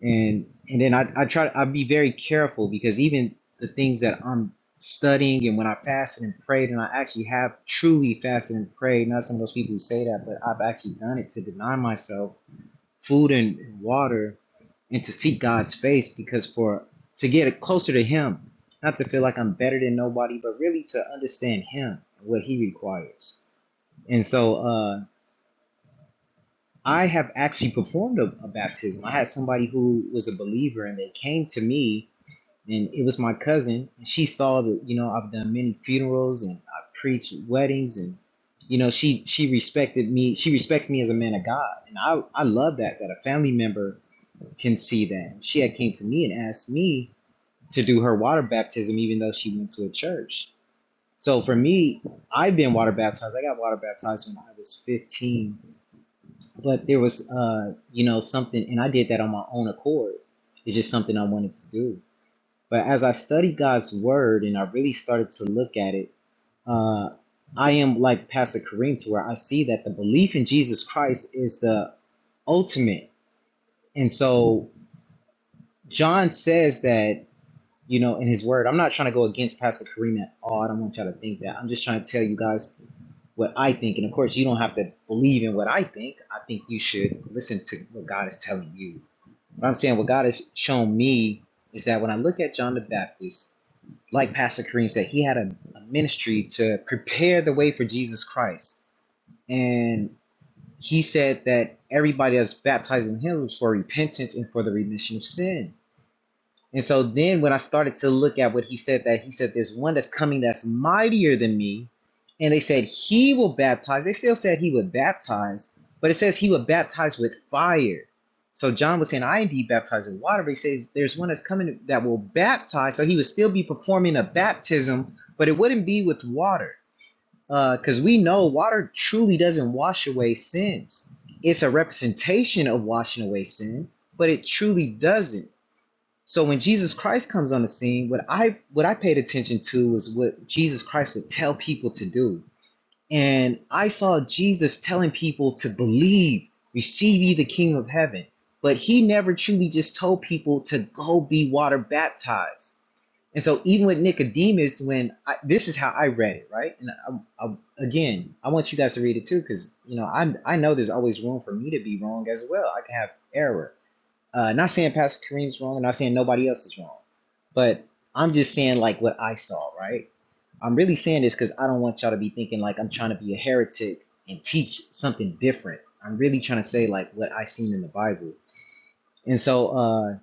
S3: and and then I, I try I be very careful because even the things that I'm studying and when I fasted and prayed and I actually have truly fasted and prayed, not some of those people who say that, but I've actually done it to deny myself food and water and to seek God's face because for to get closer to him, not to feel like I'm better than nobody, but really to understand him, what he requires. And so uh I have actually performed a, a baptism. I had somebody who was a believer and they came to me and it was my cousin and she saw that you know i've done many funerals and i preached weddings and you know she she respected me she respects me as a man of god and i i love that that a family member can see that and she had came to me and asked me to do her water baptism even though she went to a church so for me i've been water baptized i got water baptized when i was 15 but there was uh you know something and i did that on my own accord it's just something i wanted to do but as I studied God's word and I really started to look at it, uh, I am like Pastor Kareem to where I see that the belief in Jesus Christ is the ultimate. And so John says that, you know, in his word, I'm not trying to go against Pastor Kareem at all. I don't want y'all to think that. I'm just trying to tell you guys what I think. And of course, you don't have to believe in what I think. I think you should listen to what God is telling you. But I'm saying what God has shown me is that when I look at John the Baptist, like Pastor Kareem said, he had a, a ministry to prepare the way for Jesus Christ. And he said that everybody that's baptized in him was for repentance and for the remission of sin. And so then when I started to look at what he said, that he said, There's one that's coming that's mightier than me. And they said, He will baptize. They still said he would baptize, but it says he would baptize with fire. So John was saying, I indeed baptize with water, but he says there's one that's coming that will baptize. So he would still be performing a baptism, but it wouldn't be with water. Because uh, we know water truly doesn't wash away sins. It's a representation of washing away sin, but it truly doesn't. So when Jesus Christ comes on the scene, what I what I paid attention to was what Jesus Christ would tell people to do. And I saw Jesus telling people to believe, receive ye the kingdom of heaven. But he never truly just told people to go be water baptized. And so even with Nicodemus, when I, this is how I read it, right? And I, I, again, I want you guys to read it too, because you know I I know there's always room for me to be wrong as well. I can have error. Uh, not saying Pastor Kareem's wrong, I'm not saying nobody else is wrong, but I'm just saying like what I saw, right? I'm really saying this because I don't want y'all to be thinking like I'm trying to be a heretic and teach something different. I'm really trying to say like what I seen in the Bible. And so, uh,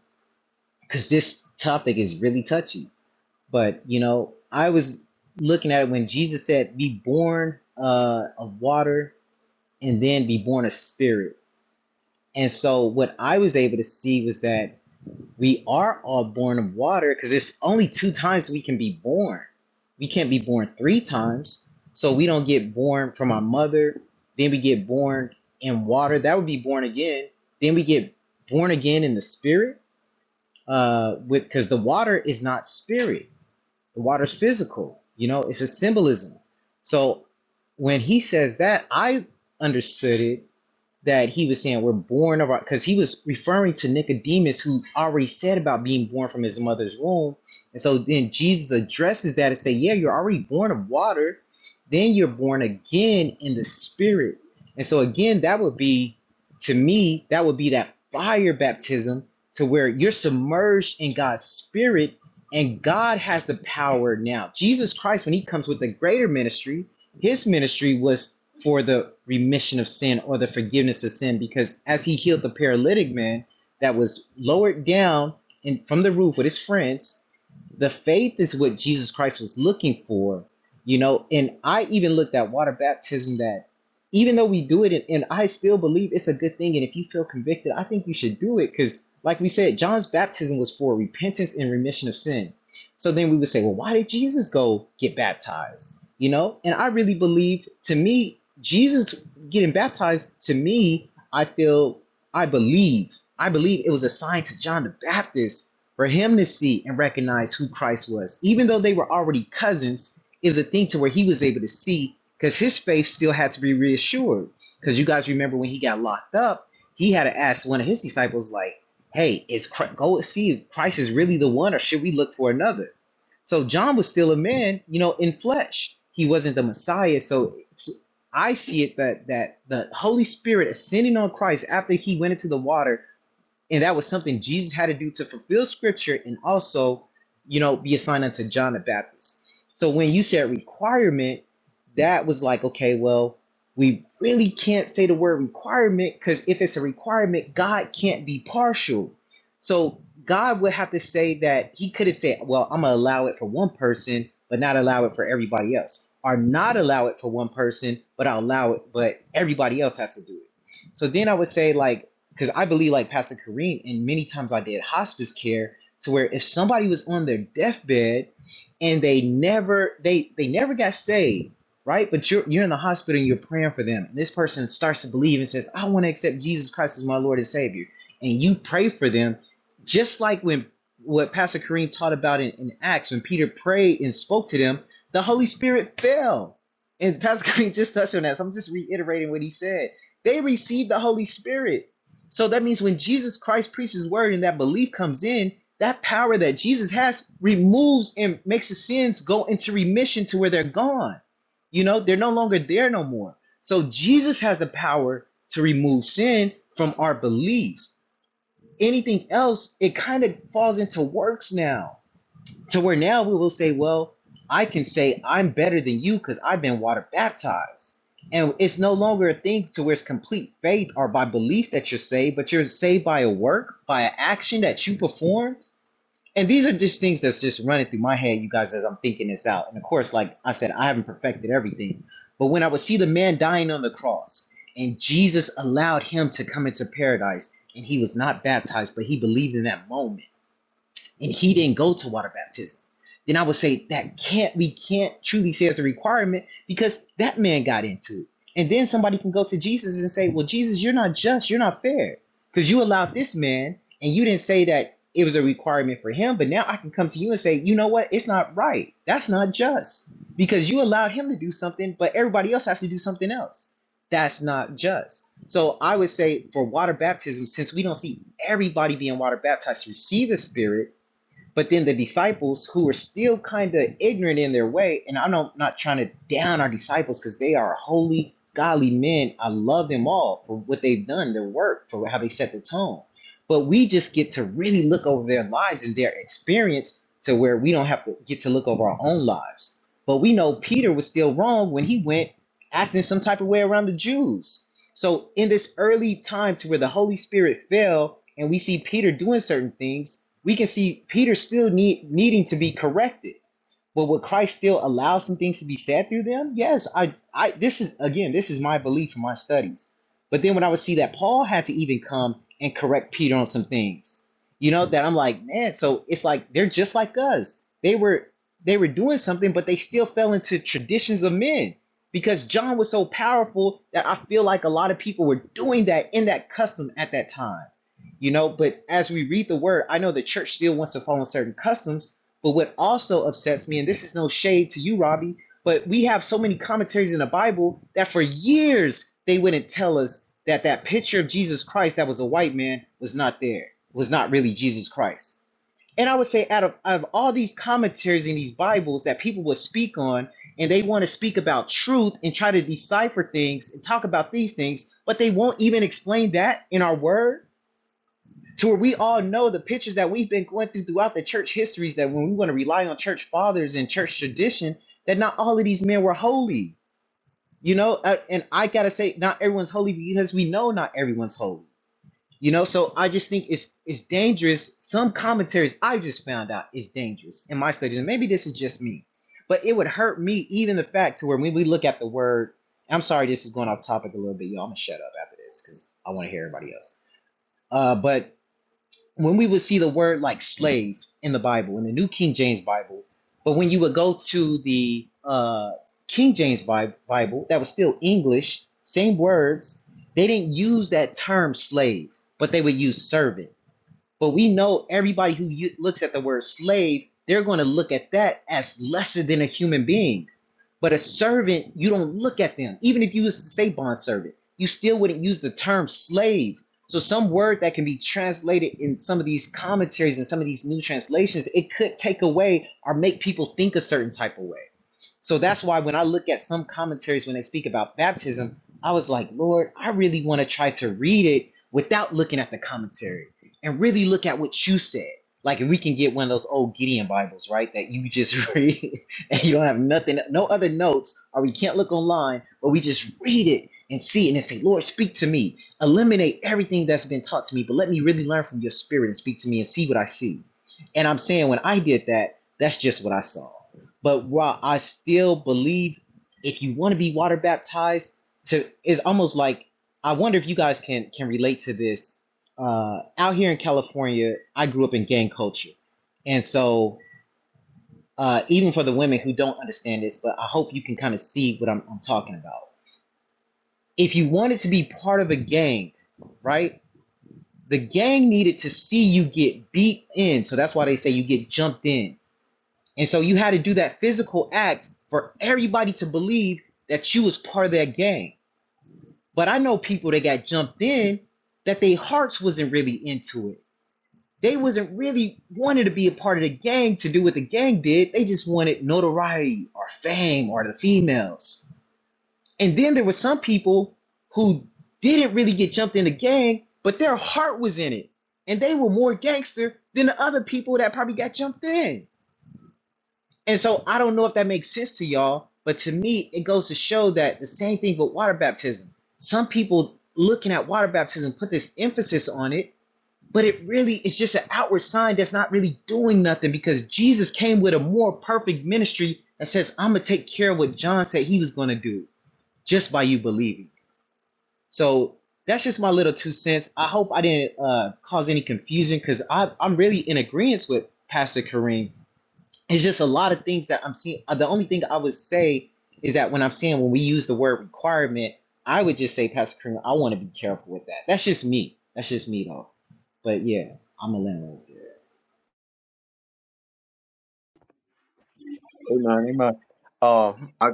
S3: because this topic is really touchy, but you know, I was looking at it when Jesus said, be born uh, of water and then be born of spirit. And so, what I was able to see was that we are all born of water because there's only two times we can be born. We can't be born three times. So we don't get born from our mother, then we get born in water. That would be born again. Then we get born again in the spirit. Uh with because the water is not spirit. The water's physical. You know, it's a symbolism. So when he says that, I understood it that he was saying we're born of our because he was referring to Nicodemus who already said about being born from his mother's womb. And so then Jesus addresses that and say, Yeah, you're already born of water, then you're born again in the spirit. And so again, that would be to me, that would be that fire baptism to where you're submerged in God's spirit and God has the power now. Jesus Christ, when he comes with the greater ministry, his ministry was for the remission of sin or the forgiveness of sin because as he healed the paralytic man that was lowered down in, from the roof with his friends the faith is what Jesus Christ was looking for, you know. And I even looked at water baptism that even though we do it, and, and I still believe it's a good thing. And if you feel convicted, I think you should do it because, like we said, John's baptism was for repentance and remission of sin. So then we would say, well, why did Jesus go get baptized? You know, and I really believe to me, Jesus getting baptized to me, I feel, I believe, I believe it was a sign to John the Baptist for him to see and recognize who Christ was, even though they were already cousins, it was a thing to where he was able to see because his faith still had to be reassured. Because you guys remember when he got locked up, he had to ask one of his disciples, like, "Hey, is Chri- go see if Christ is really the one, or should we look for another?" So John was still a man, you know, in flesh. He wasn't the Messiah. So it's, I see it that that the Holy Spirit ascending on Christ after he went into the water and that was something Jesus had to do to fulfill scripture and also, you know, be assigned unto John the Baptist. So when you said requirement, that was like, okay, well, we really can't say the word requirement because if it's a requirement, God can't be partial. So God would have to say that he could have said, well, I'm going to allow it for one person, but not allow it for everybody else, or not allow it for one person, but I'll allow it, but everybody else has to do it. So then I would say, like, because I believe like Pastor Kareem, and many times I did hospice care to where if somebody was on their deathbed and they never they they never got saved, right? But you're you're in the hospital and you're praying for them, and this person starts to believe and says, "I want to accept Jesus Christ as my Lord and Savior," and you pray for them, just like when what Pastor Kareem taught about in, in Acts when Peter prayed and spoke to them, the Holy Spirit fell. And Pastor Kareem just touched on that, so I'm just reiterating what he said. They received the Holy Spirit so that means when Jesus Christ preaches his word and that belief comes in, that power that Jesus has removes and makes the sins go into remission to where they're gone. You know, they're no longer there no more. So Jesus has the power to remove sin from our belief. Anything else, it kind of falls into works now to where now we will say, well, I can say I'm better than you because I've been water baptized. And it's no longer a thing to where it's complete faith or by belief that you're saved, but you're saved by a work, by an action that you perform. And these are just things that's just running through my head, you guys, as I'm thinking this out. And of course, like I said, I haven't perfected everything. But when I would see the man dying on the cross and Jesus allowed him to come into paradise and he was not baptized, but he believed in that moment and he didn't go to water baptism, then I would say that can't we can't truly say as a requirement because that man got into it. And then somebody can go to Jesus and say, Well, Jesus, you're not just, you're not fair. Because you allowed this man and you didn't say that it was a requirement for him, but now I can come to you and say, you know what, it's not right. That's not just. Because you allowed him to do something, but everybody else has to do something else. That's not just. So I would say for water baptism, since we don't see everybody being water baptized to receive the spirit but then the disciples who are still kind of ignorant in their way, and I'm not, not trying to down our disciples because they are holy, godly men. I love them all for what they've done, their work, for how they set the tone. But we just get to really look over their lives and their experience to where we don't have to get to look over our own lives. But we know Peter was still wrong when he went acting some type of way around the Jews. So in this early time to where the Holy Spirit fell and we see Peter doing certain things, we can see Peter still need needing to be corrected. But would Christ still allow some things to be said through them? Yes, I, I this is again, this is my belief from my studies. But then when I would see that Paul had to even come and correct Peter on some things, you know, that I'm like, man, so it's like they're just like us. They were they were doing something, but they still fell into traditions of men. Because John was so powerful that I feel like a lot of people were doing that in that custom at that time. You know, but as we read the word, I know the church still wants to follow certain customs, but what also upsets me, and this is no shade to you, Robbie, but we have so many commentaries in the Bible that for years they wouldn't tell us that that picture of Jesus Christ that was a white man was not there, was not really Jesus Christ. And I would say, out of, out of all these commentaries in these Bibles that people would speak on, and they want to speak about truth and try to decipher things and talk about these things, but they won't even explain that in our word to where we all know the pictures that we've been going through throughout the church histories that when we want to rely on church fathers and church tradition, that not all of these men were holy. You know, Uh, and I gotta say, not everyone's holy because we know not everyone's holy. You know, so I just think it's it's dangerous. Some commentaries I just found out is dangerous in my studies, and maybe this is just me, but it would hurt me even the fact to where when we look at the word. I'm sorry, this is going off topic a little bit, y'all. I'm gonna shut up after this because I want to hear everybody else. Uh, but when we would see the word like slave in the Bible, in the New King James Bible, but when you would go to the uh, King James Bible, that was still English, same words, they didn't use that term slave, but they would use servant. But we know everybody who looks at the word slave, they're going to look at that as lesser than a human being but a servant, you don't look at them. Even if you was to say bond servant, you still wouldn't use the term slave. So some word that can be translated in some of these commentaries and some of these new translations, it could take away or make people think a certain type of way. So that's why when I look at some commentaries when they speak about baptism, I was like, Lord, I really want to try to read it without looking at the commentary and really look at what you said. Like if we can get one of those old Gideon Bibles, right? That you just *laughs* read and you don't have nothing, no other notes, or we can't look online, but we just read it and see it and then say, Lord, speak to me. Eliminate everything that's been taught to me, but let me really learn from your spirit and speak to me and see what I see. And I'm saying when I did that, that's just what I saw. But while I still believe if you want to be water baptized, to it's almost like I wonder if you guys can can relate to this. Uh, out here in California, I grew up in gang culture, and so uh, even for the women who don't understand this, but I hope you can kind of see what I'm, I'm talking about. If you wanted to be part of a gang, right? The gang needed to see you get beat in, so that's why they say you get jumped in And so you had to do that physical act for everybody to believe that you was part of that gang. But I know people that got jumped in that their hearts wasn't really into it. They wasn't really wanted to be a part of the gang to do what the gang did. They just wanted notoriety or fame or the females. And then there were some people who didn't really get jumped in the gang, but their heart was in it. And they were more gangster than the other people that probably got jumped in. And so I don't know if that makes sense to y'all, but to me, it goes to show that the same thing with water baptism. Some people looking at water baptism put this emphasis on it, but it really is just an outward sign that's not really doing nothing because Jesus came with a more perfect ministry that says, I'm going to take care of what John said he was going to do just by you believing. So that's just my little two cents. I hope I didn't uh, cause any confusion because I'm really in agreement with Pastor Kareem it's just a lot of things that I'm seeing. uh, The only thing I would say is that when I'm seeing when we use the word requirement, I would just say, Pastor Cream, I want to be careful with that. That's just me. That's just me though. But yeah, I'm a landlord.
S2: Amen. Amen. Um, I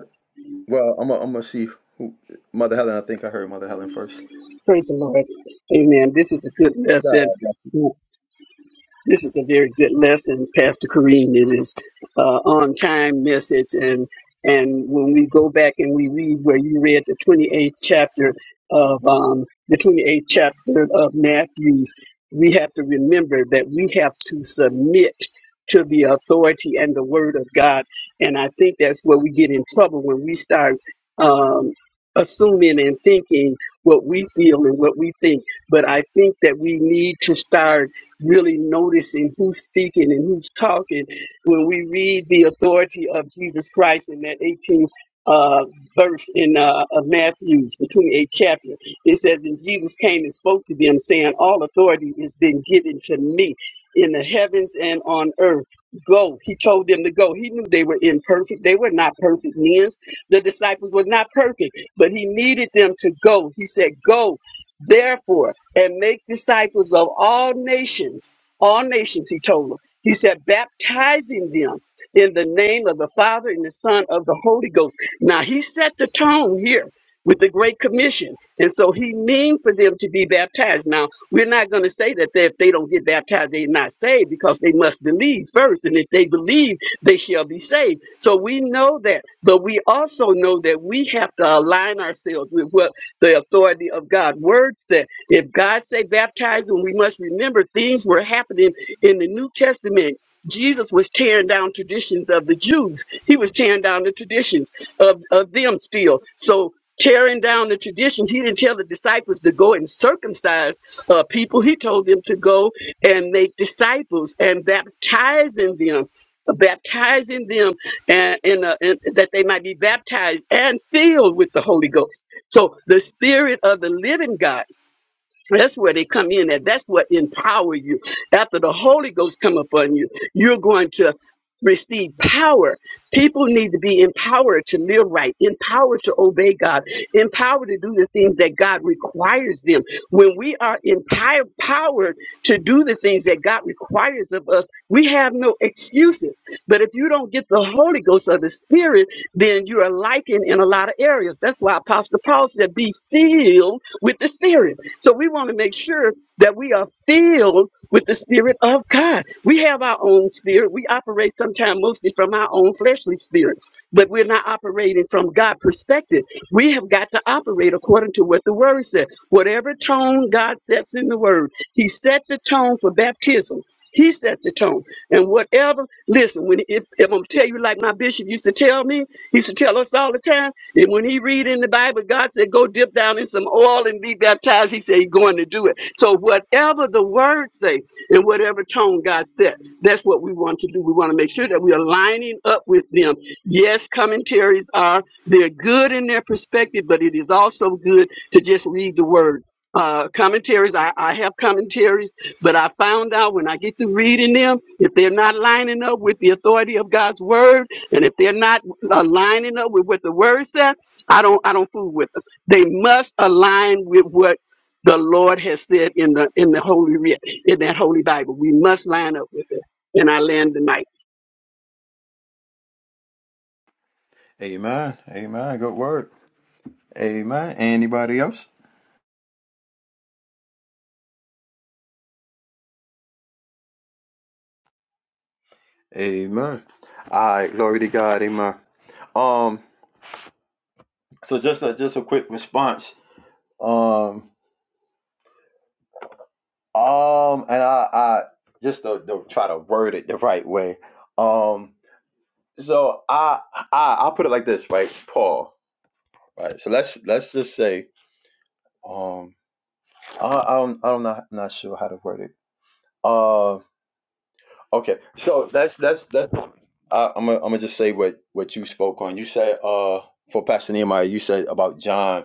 S2: well, I'm gonna I'm gonna see who Mother Helen. I think I heard Mother Helen first.
S4: Praise the Lord. Amen. This is a good
S2: God
S4: lesson.
S2: bless.
S4: This is a very good lesson, Pastor Kareem. This is uh, on time message, and and when we go back and we read where you read the twenty eighth chapter of um, the twenty eighth chapter of Matthew's, we have to remember that we have to submit to the authority and the word of God, and I think that's where we get in trouble when we start um, assuming and thinking what we feel and what we think. But I think that we need to start really noticing who's speaking and who's talking when we read the authority of Jesus Christ in that 18th uh, verse in uh, of Matthew's, the 28th chapter. It says, And Jesus came and spoke to them, saying, All authority is been given to me in the heavens and on earth. Go. He told them to go. He knew they were imperfect. They were not perfect men. The disciples were not perfect, but he needed them to go. He said, Go Therefore, and make disciples of all nations, all nations, he told them. He said, baptizing them in the name of the Father and the Son of the Holy Ghost. Now, he set the tone here with the Great Commission. And so he mean for them to be baptized. Now, we're not going to say that they, if they don't get baptized, they're not saved because they must believe first. And if they believe, they shall be saved. So we know that. But we also know that we have to align ourselves with what the authority of God's word said. If God say baptize, eyes and we must remember things were happening in the New Testament. Jesus was tearing down traditions of the Jews. He was tearing down the traditions of, of them still. So tearing down the traditions, he didn't tell the disciples to go and circumcise uh, people. He told them to go and make disciples and baptizing them, uh, baptizing them and, and, uh, and that they might be baptized and filled with the Holy Ghost. So the Spirit of the Living God. That's where they come in at. That's what empower you. After the Holy Ghost come upon you, you're going to receive power. People need to be empowered to live right, empowered to obey God, empowered to do the things that God requires them. When we are empi- empowered to do the things that God requires of us, we have no excuses. But if you don't get the Holy Ghost or the Spirit, then you are likened in a lot of areas. That's why Apostle Paul said, be filled with the Spirit. So. So we want to make sure that we are filled with the Spirit of God. We have our own spirit. We operate sometimes mostly from our own fleshly spirit, but we're not operating from God' perspective. We have got to operate according to what the Word said. Whatever tone God sets in the Word, He set the tone for baptism. He set the tone. And whatever, listen, when if, if I'm gonna tell you like my bishop used to tell me, he used to tell us all the time, and when he read in the Bible, God said, Go dip down in some oil and be baptized. He said he's going to do it. So whatever the word say and whatever tone God set, that's what we want to do. We want to make sure that we are lining up with them. Yes, commentaries are they're good in their perspective, but it is also good to just read the word uh, commentaries. I, I have commentaries, but I found out when I get to reading them, if they're not lining up with the authority of God's word, and if they're not uh, lining up with what the word said, I don't I don't fool with them. They must align with what the Lord has said in the in the holy writ in that holy Bible. We must line up with it. And I land the mic.
S2: Amen. Amen. Good word. Amen. Anybody else? Amen. All right. Glory to God. Amen. Um, so just a, just a quick response. Um, um, and I, I just to, to try to word it the right way. Um, so I, I, I'll put it like this, right, Paul. Right. So let's let's just say, um, I, I don't, I'm not not sure how to word it. Uh, okay. So that's that's that's. I, I'm gonna I'm gonna just say what what you spoke on. You said uh for Pastor Nehemiah, you said about John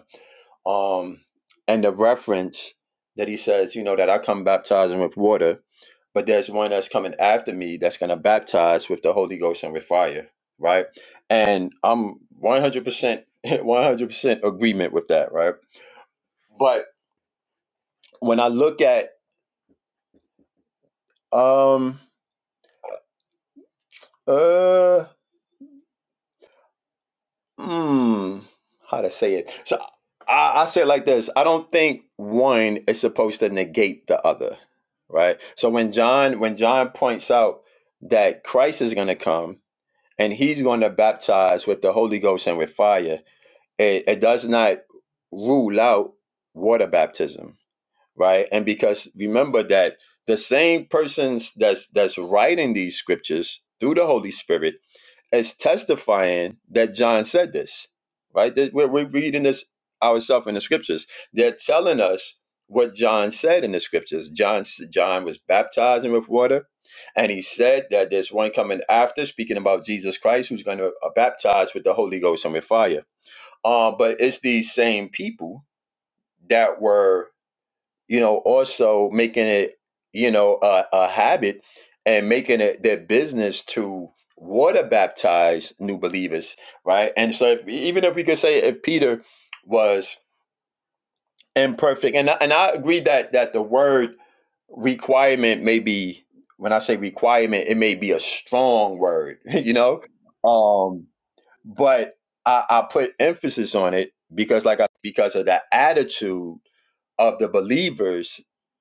S2: um, and the reference that he says, you know, that I come baptizing with water, but there's one that's coming after me that's going to baptize with the Holy Ghost and with fire, right? And I'm 100% 100% *laughs* agreement with that, right? But when I look at um uh Mm, how to say it? So I, I say it like this. I don't think one is supposed to negate the other, right? So when John when John points out that Christ is going to come and he's going to baptize with the Holy Ghost and with fire, it, it does not rule out water baptism, right? And because remember that the same persons that's that's writing these scriptures through the Holy Spirit as testifying that John said this, right? That We're, we're reading this ourselves in the scriptures. They're telling us what John said in the scriptures. John, John was baptizing with water, and he said that there's one coming after, speaking about Jesus Christ, who's going to uh, baptize with the Holy Ghost and with fire. Um, but it's these same people that were you know, also making it, you know, a, a habit and making it their business to water baptize new believers, right? And so, if, e, even if we could say if Peter was imperfect, and I- and I agree that that the word requirement may be when I say requirement, it may be a strong word, *laughs* you know, um, but I, I put emphasis on it because, like, I, because of that attitude of the believers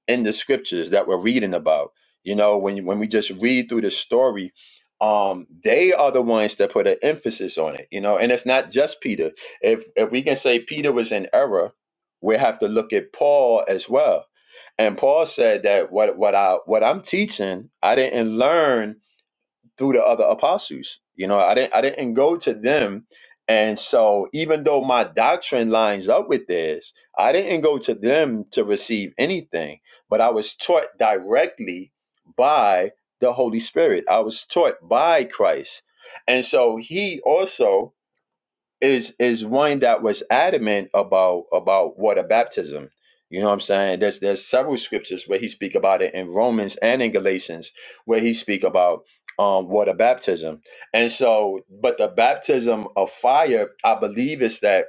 S2: in the scriptures that we're reading about. You know, when you- when we just read through the story, um, they are the ones that put an emphasis on it. You know, and it's not just Peter. If if we can say Peter was in error, we have to look at Paul as well. And Paul said that what what I what I'm teaching, I didn't learn through the other apostles. You know, I didn't I didn't go to them. And so even though my doctrine lines up with theirs, I didn't go to them to receive anything, but I was taught directly by the Holy Spirit. I was taught by Christ. And so he also is is one that was adamant about about water baptism. You know what I'm saying? There's there's several scriptures where he speak about it in Romans and in Galatians where he speak about um water baptism. And so, but the baptism of fire, I believe, is that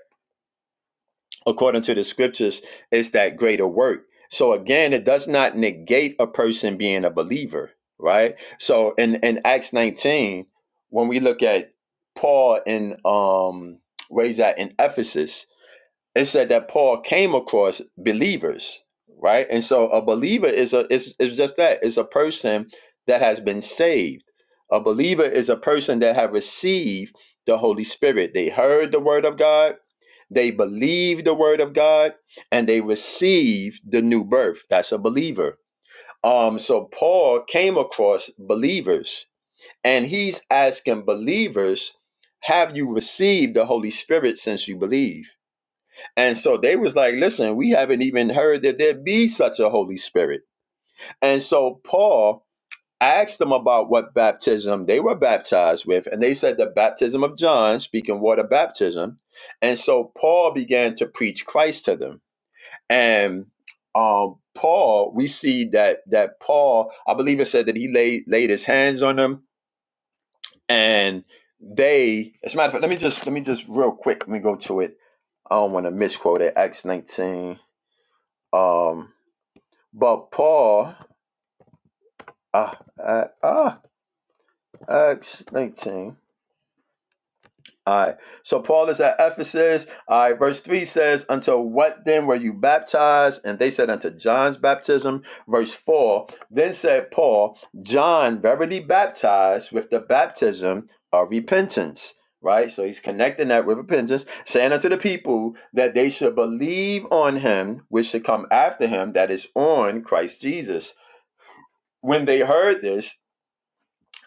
S2: according to the scriptures, it's that greater work. So again, it does not negate a person being a believer, right? So in, in Acts 19, when we look at Paul in um where's at in Ephesus, it said that Paul came across believers, right? And so a believer is a is, is just that, is a person that has been saved. A believer is a person that have received the Holy Spirit. They heard the word of God they believe the word of God and they receive the new birth. That's a believer. Um, so Paul came across believers and he's asking believers, have you received the Holy Spirit since you believe? And so they was like, listen, we haven't even heard that there be such a Holy Spirit. And so Paul asked them about what baptism they were baptized with, and they said the baptism of John, speaking water baptism. And so Paul began to preach Christ to them. And um, Paul, we see that that Paul, I believe it said that he laid laid his hands on them, and they. As a matter of fact, let me just let me just real quick. Let me go to it. I don't want to misquote it. Acts nineteen. Um, but Paul, ah, uh, ah, Acts nineteen. All right. So Paul is at Ephesus. All right. Verse 3 says, Until what then were you baptized? And they said, Unto John's baptism. Verse 4 Then said Paul, John verily baptized with the baptism of repentance. Right? So he's connecting that with repentance, saying unto the people that they should believe on him, which should come after him, that is on Christ Jesus. When they heard this,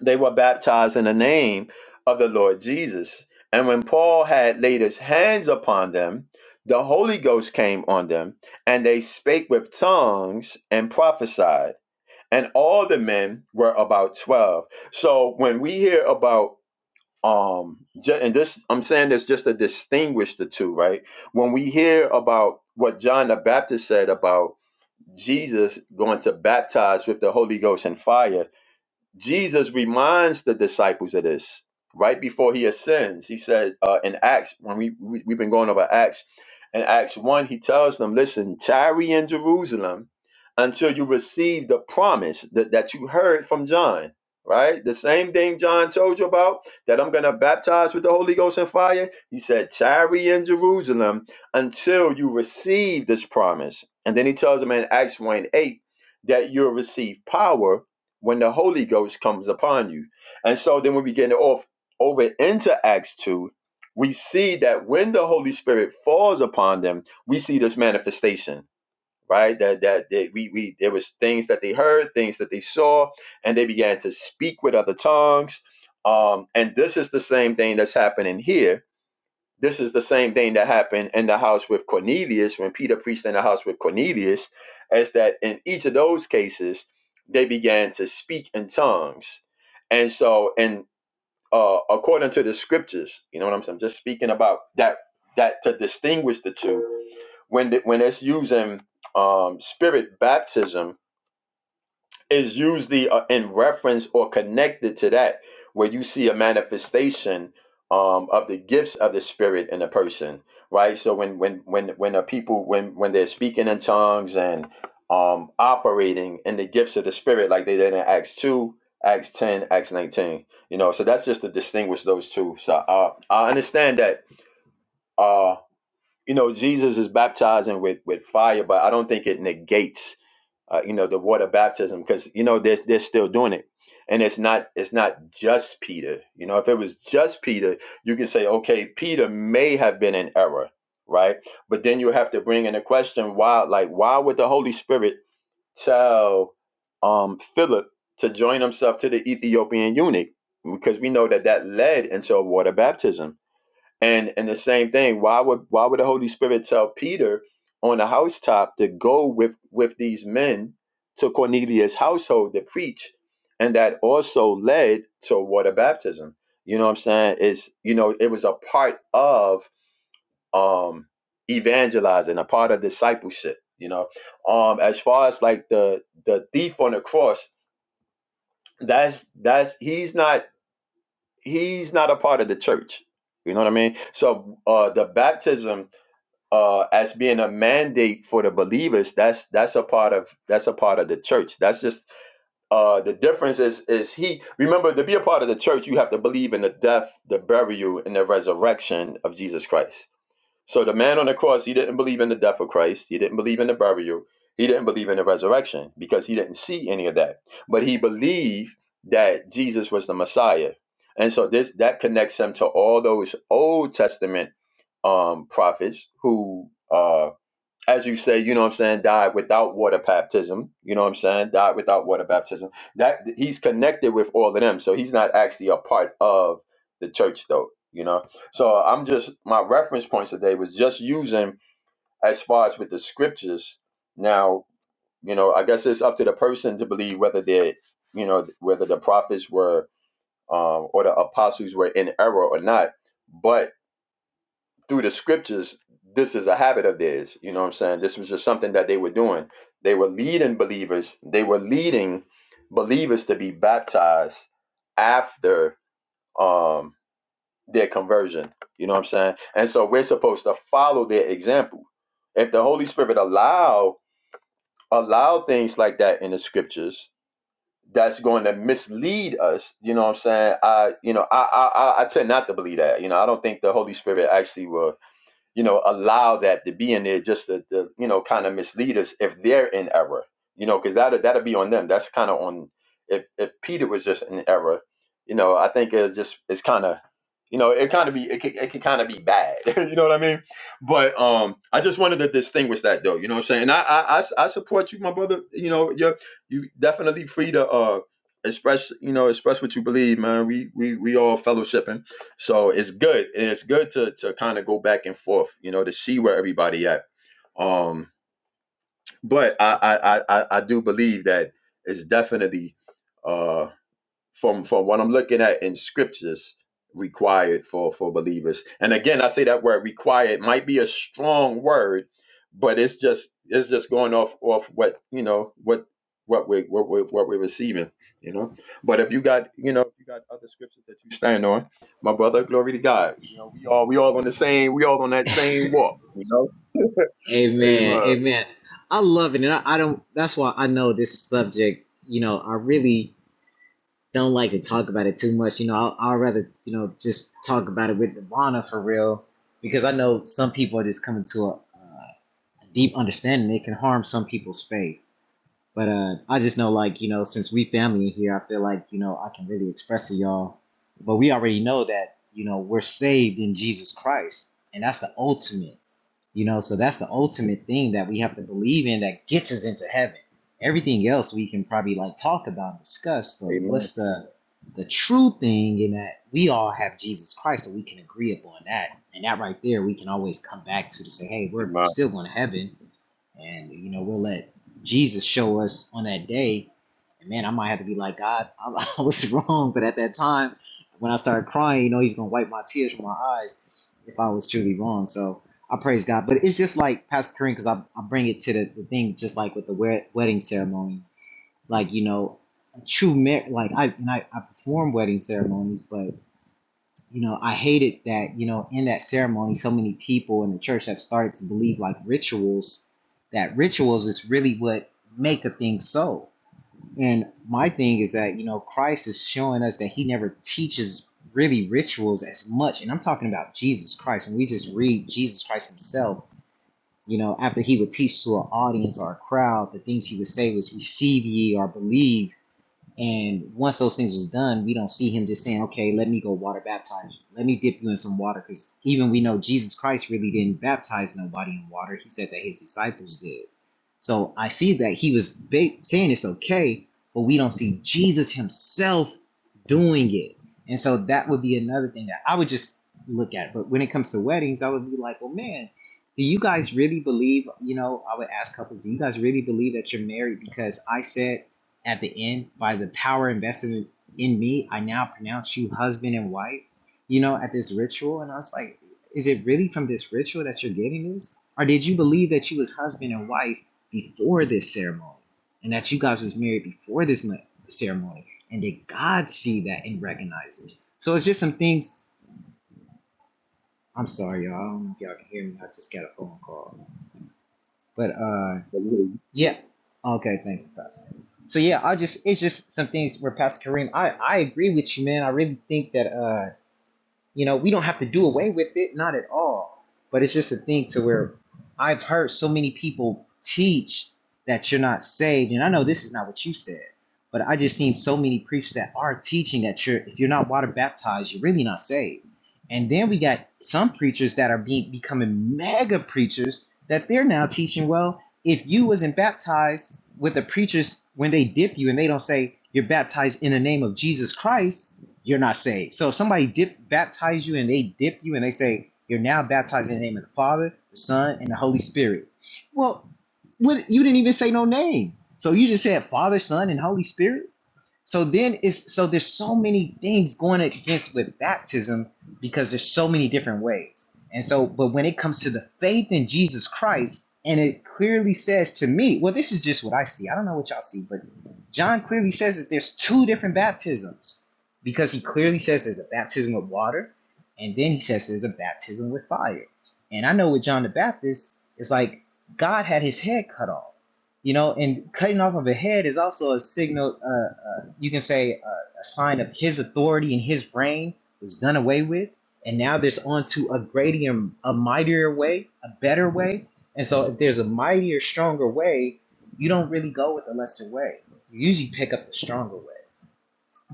S2: they were baptized in the name of the Lord Jesus. And when Paul had laid his hands upon them, the Holy Ghost came on them, and they spake with tongues and prophesied. And all the men were about 12. So when we hear about um ju- and this I'm saying this just to distinguish the two, right? When we hear about what John the Baptist said about Jesus going to baptize with the Holy Ghost and fire, Jesus reminds the disciples of this right before he ascends. He said uh, in Acts, when we, we, we've been going over Acts, in Acts 1, he tells them, Listen, tarry in Jerusalem until you receive the promise that, that you heard from John, right? The same thing John told you about that I'm going to baptize with the Holy Ghost and fire. He said, Tarry in Jerusalem until you receive this promise. And then he tells them in Acts 1 8 that you'll receive power when the Holy Ghost comes upon you. And so then when we get off over into Acts 2, we see that when the Holy Spirit falls upon them, we see this manifestation, right? That that that we we there was things that they heard, things that they saw, and they began to speak with other tongues. Um, and this is the same thing that's happening here this is the same thing that happened in the house with Cornelius when Peter preached in the house with Cornelius, as that in each of those cases, they began to speak in tongues. And so, and uh, according to the scriptures, you know what I'm saying? Just speaking about that, that to distinguish the two, when the, when it's using um, spirit baptism, is usually uh, in reference or connected to that where you see a manifestation um, of the gifts of the spirit in a person right so when when when when a people when when they're speaking in tongues and um, operating in the gifts of the spirit like they did in acts 2 acts 10 acts 19 you know so that's just to distinguish those two so uh, i understand that uh, you know jesus is baptizing with with fire but i don't think it negates uh, you know, the water baptism, because you know they're they're still doing it, and it's not it's not just Peter. You know, if it was just Peter, you can say, okay, Peter may have been in error, right? But then you have to bring in the question, why? Like, why would the Holy Spirit tell um Philip to join himself to the Ethiopian eunuch? Because we know that that led into a water baptism and and the same thing, why would why would the Holy Spirit tell Peter on the housetop to go with with these men to Cornelius' household to preach? And that also led to water baptism. You know what I'm saying? Is you know, it was a part of um evangelizing, a part of discipleship, you know. Um as far as like the the thief on the cross, that's that's he's not he's not a part of the church. You know what I mean? So uh the baptism uh, as being a mandate for the believers. That's that's a part of that's a part of the church. That's just uh, the difference is is he remember to be a part of the church you have to believe in the death, the burial, and the resurrection of Jesus Christ. So the man on the cross, he didn't believe in the death of Christ. He didn't believe in the burial. He didn't believe in the resurrection because he didn't see any of that. But he believed that Jesus was the Messiah. And so this that connects him to all those Old Testament um, prophets who uh as you say, you know what I'm saying, died without water baptism. You know what I'm saying? Died without water baptism. That he's connected with all of them. So he's not actually a part of the church though, you know. So I'm just my reference points today was just using as far as with the scriptures. Now, you know, I guess it's up to the person to believe whether they you know, whether the prophets were um or the apostles were in error or not. But through the scriptures, this is a habit of theirs. You know what I'm saying? This was just something that they were doing. They were leading believers, they were leading believers to be baptized after um their conversion. You know what I'm saying? And so we're supposed to follow their example. If the Holy Spirit allow allow things like that in the scriptures, that's going to mislead us. You know what I'm saying? I you know I I I I tend not to believe that. You know I don't think the Holy Spirit actually will you know, allow that to be in there just to, to you know, kind of mislead us if they're in error, you know, because that'll, that'll be on them. That's kind of on, if, if Peter was just in error, you know, I think it's just, it's kind of, you know, it kind of be, it can, it can kind of be bad, *laughs* you know what I mean? But um, I just wanted to distinguish that though, you know what I'm saying? And I I I I support you, my brother, you know, you're, you definitely free to, uh, express, you know, express what you believe, man. We, we, we all fellowshipping so it's good. It's good to to kind of go back and forth, you know, to see where everybody at. Um, but I I I I I do believe that it's definitely uh from from what I'm looking at in scriptures required for for believers. And again, I say that word required might be a strong word, but it's just it's just going off off what you know what what we what we what we're receiving. You know, but if you got you know if you got other scriptures that you stand on, my brother, glory to God. You know, we all we all on the same we all on that same walk. You know,
S3: Amen.
S2: amen,
S3: Amen. I love it. And I, I don't, that's why I know this subject, you know, I really don't like to talk about it too much. You know, I'll, I'll rather, you know, just talk about it with Ivana for real, because I know some people are just coming to a, uh, a deep understanding. It can harm some people's faith But uh, I just know, like you know, since we family in here, I feel like you know I can really express to y'all. But we already know that you know we're saved in Jesus Christ, and that's the ultimate. You know, so that's the ultimate thing that we have to believe in that gets us into heaven. Everything else we can probably like talk about, and discuss, but
S2: amen,
S3: what's the the true thing in that we all have Jesus Christ, so we can agree upon that, and that right there we can always come back to to say, hey, we're still going to heaven and you know we'll let Jesus show us on that day. And man, I might have to be like God, *laughs* I, I was wrong, but at that time, when I started crying, you know, He's gonna wipe my tears from my eyes if I was truly wrong. So I praise God, but it's just like Pastor Kareem, because I, I bring it to the, the thing, just like with the wed- wedding ceremony, like you know, a true mar- like I and I, I perform wedding ceremonies, but you know, I hated that, you know, in that ceremony, so many people in the church have started to believe like rituals, that rituals is really what make a thing so. And my thing is that, you know, Christ is showing us that he never teaches really rituals as much. And I'm talking about Jesus Christ. When we just read Jesus Christ himself, you know, after he would teach to an audience or a crowd, the things he would say was receive ye or believe and once those things was done, we don't see him just saying, "Okay, let me go water baptize you. Let me dip you in some water." Because even we know Jesus Christ really didn't baptize nobody in water. He said that his disciples did. So I see that he was ba- saying it's okay, but we don't see Jesus himself doing it. And so that would be another thing that I would just look at. But when it comes to weddings, I would be like, "Well, man, do you guys really believe?" You know, I would ask couples, "Do you guys really believe that you're married?" Because I said at the end by the power invested in me i now pronounce you husband and wife you know at this ritual and i was like is it really from this ritual that you're getting this or did you believe that you was husband and wife before this ceremony and that you guys was married before this ceremony and did god see that and recognize me so it's just some things i'm sorry y'all i don't know if y'all can hear me i just got a phone call but uh
S2: amen.
S3: Yeah. Okay, thank you, Pastor. So yeah, I just it's just some things where Pastor Kareem, I I agree with you, man. I really think that uh you know, we don't have to do away with it, not at all. But it's just a thing to where I've heard so many people teach that you're not saved, and I know this is not what you said, but I just seen so many preachers that are teaching that you're if you're not water baptized, you're really not saved. And then we got some preachers that are being becoming mega preachers that they're now teaching, well, if you wasn't baptized with the preachers when they dip you and they don't say you're baptized in the name of Jesus Christ, you're not saved. So if somebody dip, baptize you and they dip you and they say, you're now baptized in the name of the Father, the Son, and the Holy Spirit. Well, what, you didn't even say no name. So you just said Father, Son, and Holy Spirit? So then it's so there's so many things going against with baptism because there's so many different ways. And so, but when it comes to the faith in Jesus Christ, and it clearly says to me, well, this is just what I see. I don't know what y'all see, but John clearly says that there's two different baptisms because he clearly says there's a baptism with water, and then he says there's a baptism with fire. And I know with John the Baptist, it's like God had his head cut off you know and cutting off of a head is also a signal uh, uh, you can say uh, a sign of his authority and his reign was done away with and now there's onto a greater a mightier way a better way and so if there's a mightier stronger way you don't really go with the lesser way you usually pick up the stronger way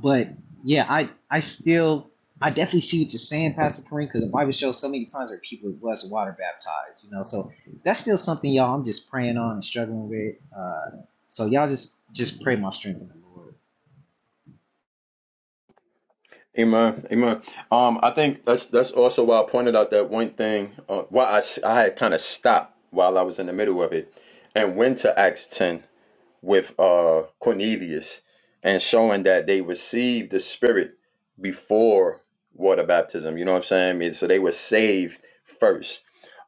S3: but yeah, I I still I definitely see what you're saying, Pastor Kareem, because the Bible shows so many times where people are blessed and water baptized, you know. So that's still something y'all I'm just praying on and struggling with. Uh, so y'all just just pray my strength in the Lord.
S2: Amen. Amen. Um, I think that's that's also why I pointed out that one thing. Uh, why I s- I had kind of stopped while I was in the middle of it, and went to Acts ten with uh Cornelius, and showing that they received the Spirit before water baptism. You know what I'm saying? I mean, so they were saved first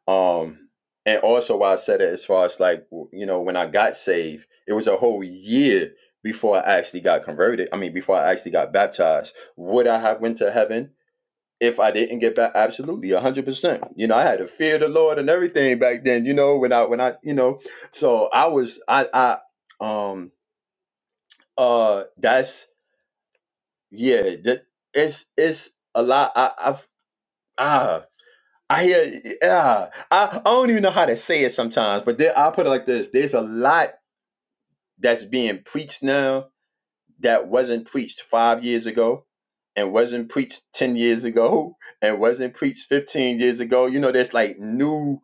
S2: um, and also why I said it as far as like w- you know when I got saved, it was a whole year before I actually got converted. I mean, before I actually got baptized. Would I have went to heaven if I didn't get back? Absolutely, a hundred percent. You know, I had to fear the Lord and everything back then. You know, when I when I you know, so I was I I um uh that's yeah that it's it's a lot I I've ah. I hear, yeah. I, I don't even know how to say it sometimes, but there, I'll put it like this: There's a lot that's being preached now that wasn't preached five years ago, and wasn't preached ten years ago, and wasn't preached fifteen years ago. You know, there's like new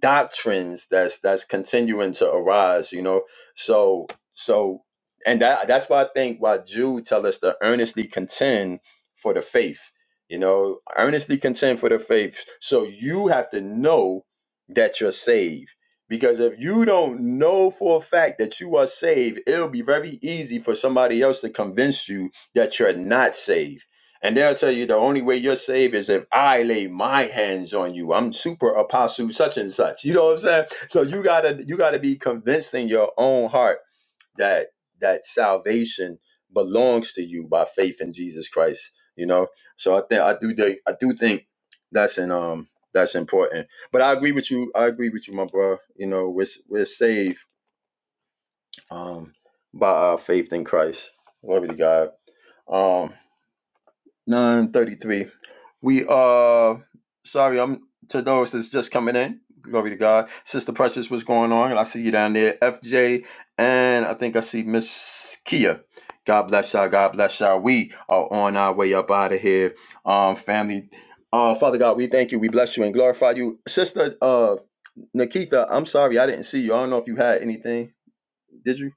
S2: doctrines that's that's continuing to arise you know so so and that that's why i think why jude tell us to earnestly contend for the faith you know earnestly contend for the faith so you have to know that you're saved because if you don't know for a fact that you are saved it'll be very easy for somebody else to convince you that you're not saved and they'll tell you the only way you're saved is if I lay my hands on you. I'm super apostle such and such. You know what I'm saying? So you gotta you gotta be convinced in your own heart that that salvation belongs to you by faith in Jesus Christ. You know? So I think I do think I do think that's an um that's important. But I agree with you. I agree with you, my bro. You know, we're we're saved um by our faith in Christ. Glory to God. Um 933. We uh sorry, I'm to those that's just coming in. Glory to God. Sister Precious, what's going on? I see you down there. FJ and I think I see Miss Kia. God bless y'all. God bless y'all. We are on our way up out of here. Um family. Uh Father God, we thank you. We bless you and glorify you. Sister uh Nikita, I'm sorry I didn't see you. I don't know if you had anything. Did you?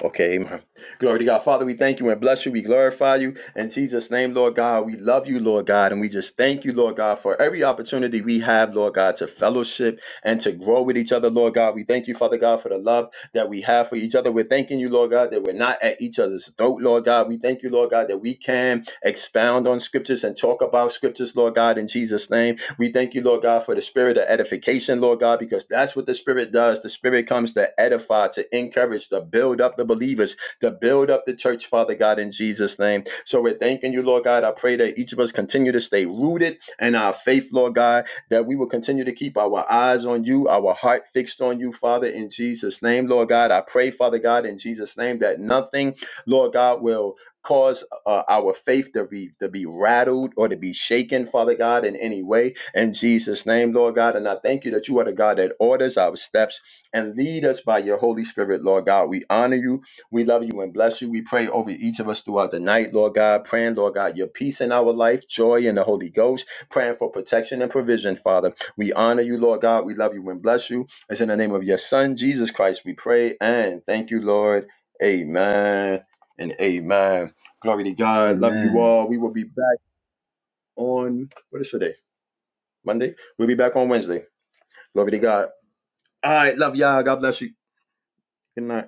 S2: Okay, amen. Glory to God. Father, we thank you and bless you. We glorify you. In Jesus' name, Lord God, we love you, Lord God. And we just thank you, Lord God, for every opportunity we have, Lord God, to fellowship and to grow with each other, Lord God. We thank you, Father God, for the love that we have for each other. We're thanking you, Lord God, that we're not at each other's throat, Lord God. We thank you, Lord God, that we can expound on scriptures and talk about scriptures, Lord God, in Jesus' name. We thank you, Lord God, for the spirit of edification, Lord God, because that's what the spirit does. The spirit comes to edify, to encourage, to build up the believers, to build up the church, Father God, in Jesus' name. So we're thanking you, Lord God. I pray that each of us continue to stay rooted in our faith, Lord God, that we will continue to keep our eyes on you, our heart fixed on you, Father, in Jesus' name, Lord God. I pray, Father God, in Jesus' name, that nothing, Lord God, will cause uh, our faith to be to be rattled or to be shaken father god in any way in Jesus' name, Lord God. And I thank you that you are the God that orders our steps and lead us by your Holy Spirit, Lord God. We honor you. We love you and bless you. We pray over each of us throughout the night, Lord God, praying, Lord God, your peace in our life, joy in the Holy Ghost, praying for protection and provision, Father. We honor you, Lord God. We love you and bless you. It's in the name of your Son, Jesus Christ, we pray. And thank you, Lord. Amen and amen. Glory to God. Love you
S3: Amen.
S2: all. We will be back on, what is today? Monday. We'll be back on Wednesday. Glory to God. All right. Love y'all. God bless you. Good night.